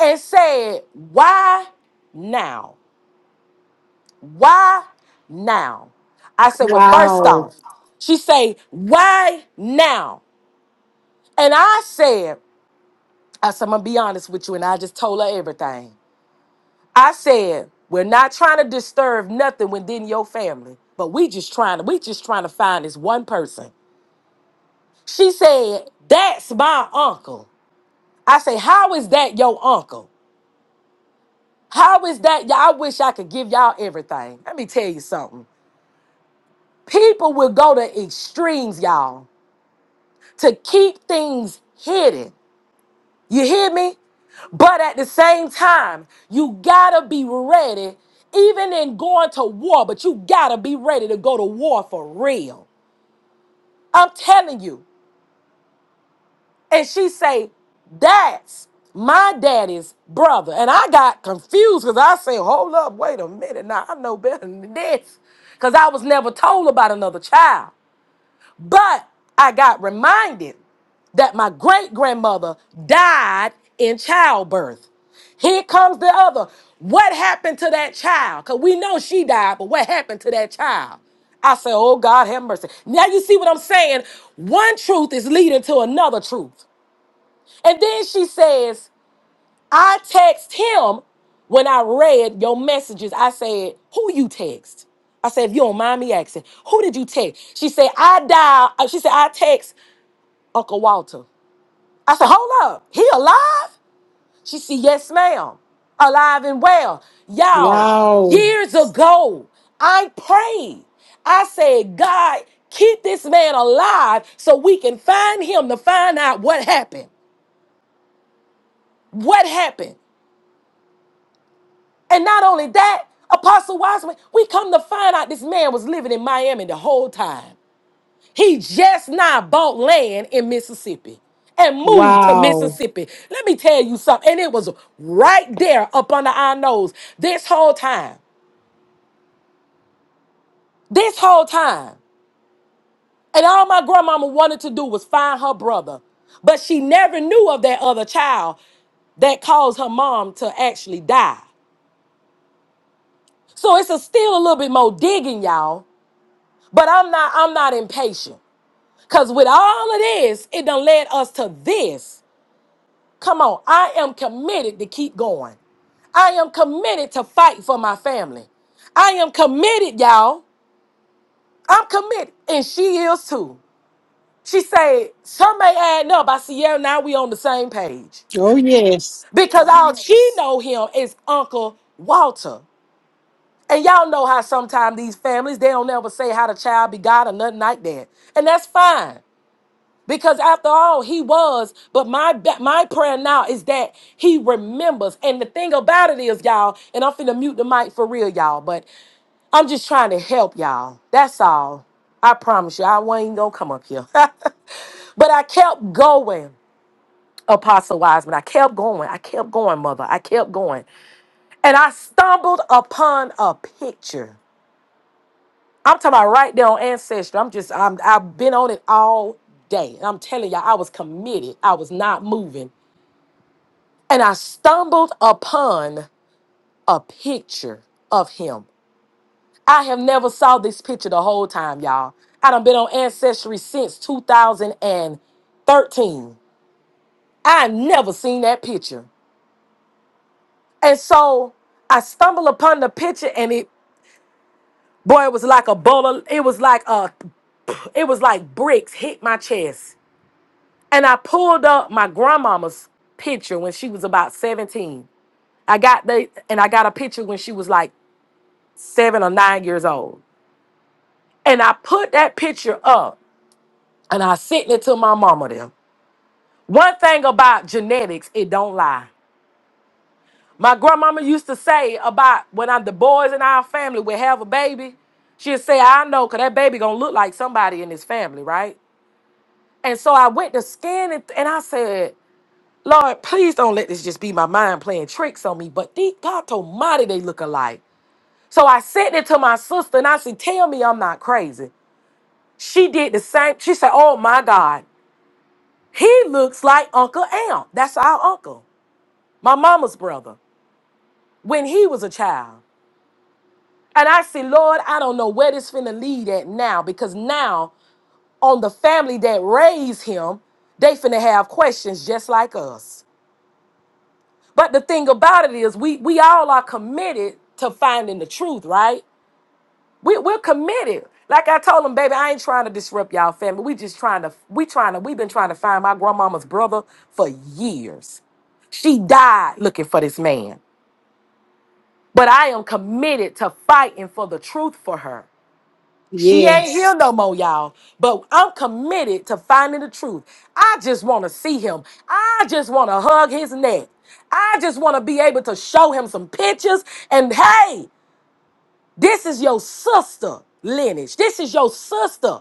Speaker 4: And said, why now? Why now? I said, well, first
Speaker 3: Wow.
Speaker 4: off, she say, why now? And I said, I said, I'm gonna be honest with you, and I just told her everything. I said, we're not trying to disturb nothing within your family, but we just trying to, we just trying to find this one person. She said, that's my uncle. I say, how is that your uncle? How is that? Y'all, I wish I could give y'all everything. Let me tell you something. People will go to extremes, y'all, to keep things hidden. You hear me? But at the same time, you gotta be ready, even in going to war, but you gotta be ready to go to war for real. I'm telling you. And she say, that's my daddy's brother. And I got confused because I say, hold up, wait a minute. Now I know better than this. Because I was never told about another child. But I got reminded that my great grandmother died in childbirth. Here comes the other. What happened to that child? Because we know she died, but what happened to that child? I said, Oh God, have mercy. Now you see what I'm saying? One truth is leading to another truth. And then she says, I text him when I read your messages. I said, "Who you text?" I said, "If you don't mind me asking, who did you text?" She said, "I dial." uh, She said, "I text Uncle Walter." I said, "Hold up, he alive?" She said, "Yes, ma'am, alive and well." Y'all,
Speaker 3: Wow.
Speaker 4: years ago, I prayed. I said, "God, keep this man alive so we can find him to find out what happened." What happened? And not only that, Apostle Wiseman, we come to find out this man was living in Miami the whole time. He just now bought land in Mississippi and moved to
Speaker 3: Wow.
Speaker 4: Mississippi. Let me tell you something. And it was right there up under our nose this whole time. This whole time. And all my grandmama wanted to do was find her brother. But she never knew of that other child that caused her mom to actually die. So it's a still a little bit more digging, y'all. But I'm not I'm not impatient. Cause with all of this, it done led us to this. Come on, I am committed to keep going. I am committed to fight for my family. I am committed, y'all. I'm committed. And she is too. She said, some may add up. I see, yeah, now we on the same page.
Speaker 3: Oh, yes.
Speaker 4: Because all she know him is Uncle Walter. And y'all know how sometimes these families, they don't ever say how the child be God or nothing like that. And that's fine. Because after all, he was. But my ba- my prayer now is that he remembers. And the thing about it is, y'all, and I'm finna mute the mic for real, y'all. But I'm just trying to help y'all. That's all. I promise you, I wasn't gonna come up here. but I kept going, Apostle Wiseman. I kept going. I kept going, Mother. I kept going, and I stumbled upon a picture I'm talking about right there on Ancestry. I'm just, I'm, I've been on it all day. And I'm telling y'all, I was committed. I was not moving. And I stumbled upon a picture of him. I have never saw this picture the whole time, y'all. I done been on Ancestry since 2013. I never seen that picture. And so I stumbled upon the picture and it, boy, it was like a bowl of, it was like a, it was like bricks hit my chest. And I pulled up my grandmama's picture when she was about 17. I got the and I got a picture when she was like seven or nine years old. And I put that picture up and I sent it to my mama there. One thing about genetics, it don't lie. My grandmama used to say about when I, the boys in our family would have a baby, she'd say, I know, cause that baby gonna look like somebody in this family, right? And so I went to scan it and I said, Lord, please don't let this just be my mind playing tricks on me. But the God Almighty, they look alike. So I said it to my sister and I said, Tell me I'm not crazy. She did the same. She said, Oh my God, he looks like Uncle Amp. That's our uncle, my mama's brother, when he was a child. And I said, Lord, I don't know where this finna lead at now because now on the family that raised him, they finna have questions just like us. But the thing about it is, we we all are committed to finding the truth, right? We we're committed. Like I told him, baby, I ain't trying to disrupt y'all family. We just trying to we trying to we've been trying to find my grandmama's brother for years. She died looking for this man. But I am committed to fighting for the truth for her. She ain't
Speaker 3: Yes.
Speaker 4: here no more, y'all. But I'm committed to finding the truth. I just want to see him. I just want to hug his neck. I just want to be able to show him some pictures. And hey, this is your sister lineage. This is your sister.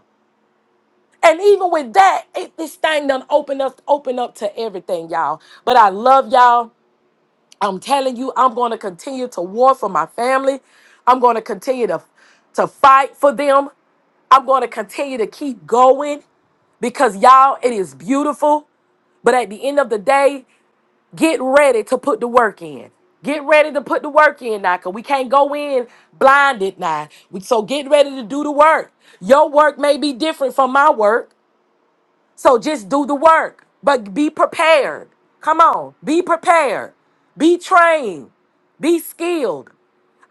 Speaker 4: And even with that, it, this thing done open up, open up to everything, y'all. But I love y'all. I'm telling you, I'm going to continue to war for my family. I'm going to continue to, to fight for them. I'm going to continue to keep going because y'all, it is beautiful. But at the end of the day, get ready to put the work in. Get ready to put the work in now, cause we can't go in blinded now. We- So get ready to do the work. Your work may be different from my work. So just do the work, but be prepared. Come on, be prepared, be trained, be skilled.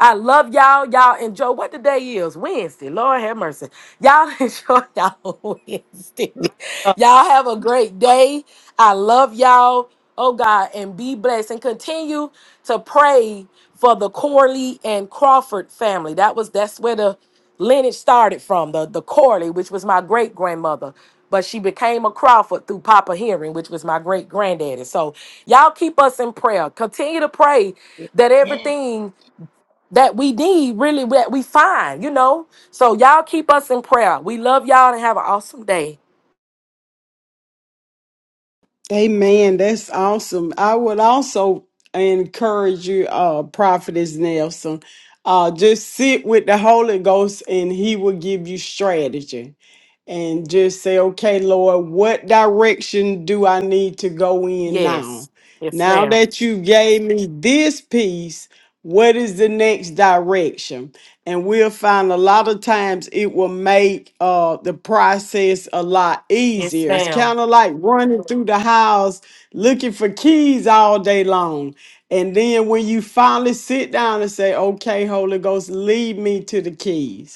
Speaker 4: I love y'all. Y'all enjoy what the day is. Wednesday. Lord have mercy. Y'all enjoy y'all Wednesday. Y'all have a great day. I love y'all. Oh God, and be blessed and continue to pray for the Corley and Crawford family. That was that's where the lineage started from. The the Corley, which was my great grandmother, but she became a Crawford through Papa Henry, which was my great granddaddy. So y'all keep us in prayer. Continue to pray that
Speaker 1: Yeah.
Speaker 4: everything that we need, really, that we find, you know? So y'all keep us in prayer. We love y'all and have an awesome day.
Speaker 3: Amen. That's awesome. I would also encourage you, uh, Prophetess Nelson, uh, just sit with the Holy Ghost and He will give you strategy and just say, okay, Lord, what direction do I need to go in now?
Speaker 4: Yes. Yes,
Speaker 3: Now
Speaker 4: ma'am.
Speaker 3: that you gave me this piece, what is the next direction? And we'll find a lot of times it will make uh, the process a lot
Speaker 4: Yes,
Speaker 3: easier. It's
Speaker 4: ma'am.
Speaker 3: kind of like running through the house looking for keys all day long. And then when you finally sit down and say, okay, Holy Ghost, lead me to the keys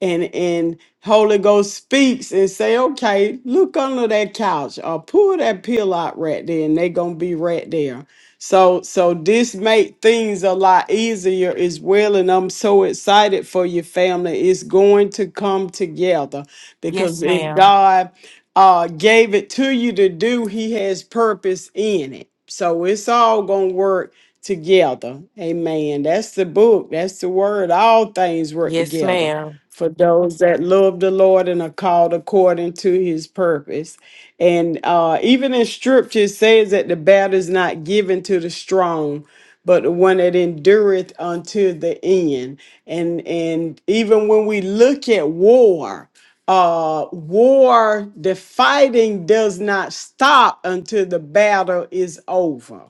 Speaker 3: and and Holy Ghost speaks and say, okay, look under that couch or pull that pill out right there, and they gonna be right there. So so this make things a lot easier as well. And I'm so excited for your family. It's going to come together because
Speaker 4: Yes,
Speaker 3: if
Speaker 4: ma'am.
Speaker 3: God uh gave it to you to do, he has purpose in it. So it's all gonna work together. Amen. That's the book. That's the word. All things work
Speaker 4: Yes,
Speaker 3: together
Speaker 4: ma'am.
Speaker 3: for those that love the Lord and are called according to his purpose. And uh, even in scripture, it says that the battle is not given to the strong, but the one that endureth unto the end. And and even when we look at war, uh war the fighting does not stop until the battle is over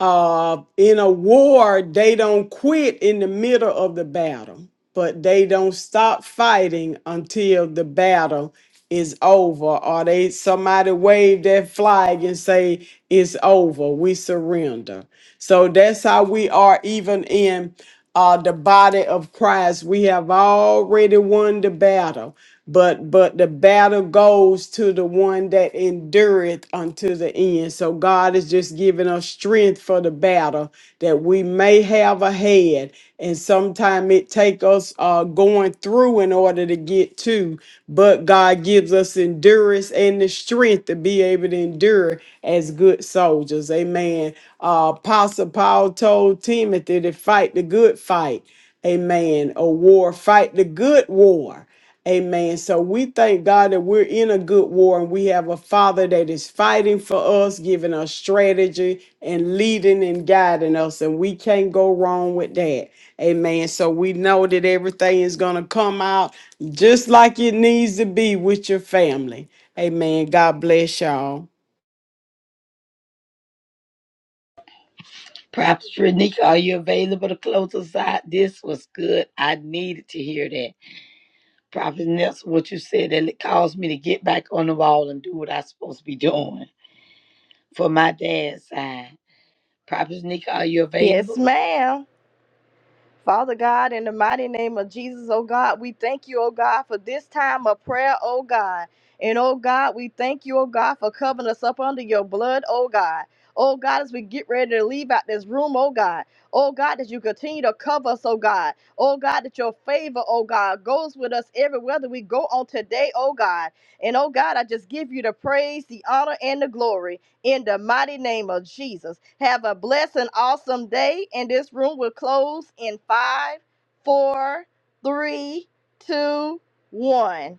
Speaker 3: uh, in a war, they don't quit in the middle of the battle, but they don't stop fighting until the battle is over or they somebody wave that flag and say it's over we surrender so that's how we are even in uh, the body of Christ. We have already won the battle, but but the battle goes to the one that endureth unto the end. So God is just giving us strength for the battle that we may have ahead. And sometimes it take us uh, going through in order to get to, but God gives us endurance and the strength to be able to endure as good soldiers. Amen. Uh, uh, Apostle Paul told Timothy to fight the good fight. Amen. A war, fight the good war. Amen. So we thank God that we're in a good war and we have a father that is fighting for us, giving us strategy and leading and guiding us. And we can't go wrong with that. Amen. So we know that everything is going to come out just like it needs to be with your family. Amen. God bless y'all.
Speaker 1: Prophet Renika, are you available to close us out? This was good. I needed to hear that. Prophet Nelson, what you said that it caused me to get back on the wall and do what I supposed to be doing for my dad's side. Prophet Nika, are you
Speaker 2: Yes,
Speaker 1: available?
Speaker 2: ma'am. Father God, in the mighty name of Jesus, oh God, we thank you, oh God, for this time of prayer, oh God. And oh God, we thank you, oh God, for covering us up under your blood, oh God. Oh God, as we get ready to leave out this room, oh God. Oh God, that you continue to cover us, oh God. Oh God, that your favor, oh God, goes with us everywhere that we go on today, oh God. And oh God, I just give you the praise, the honor, and the glory in the mighty name of Jesus. Have a blessed and awesome day, and this room will close in five, four, three, two, one.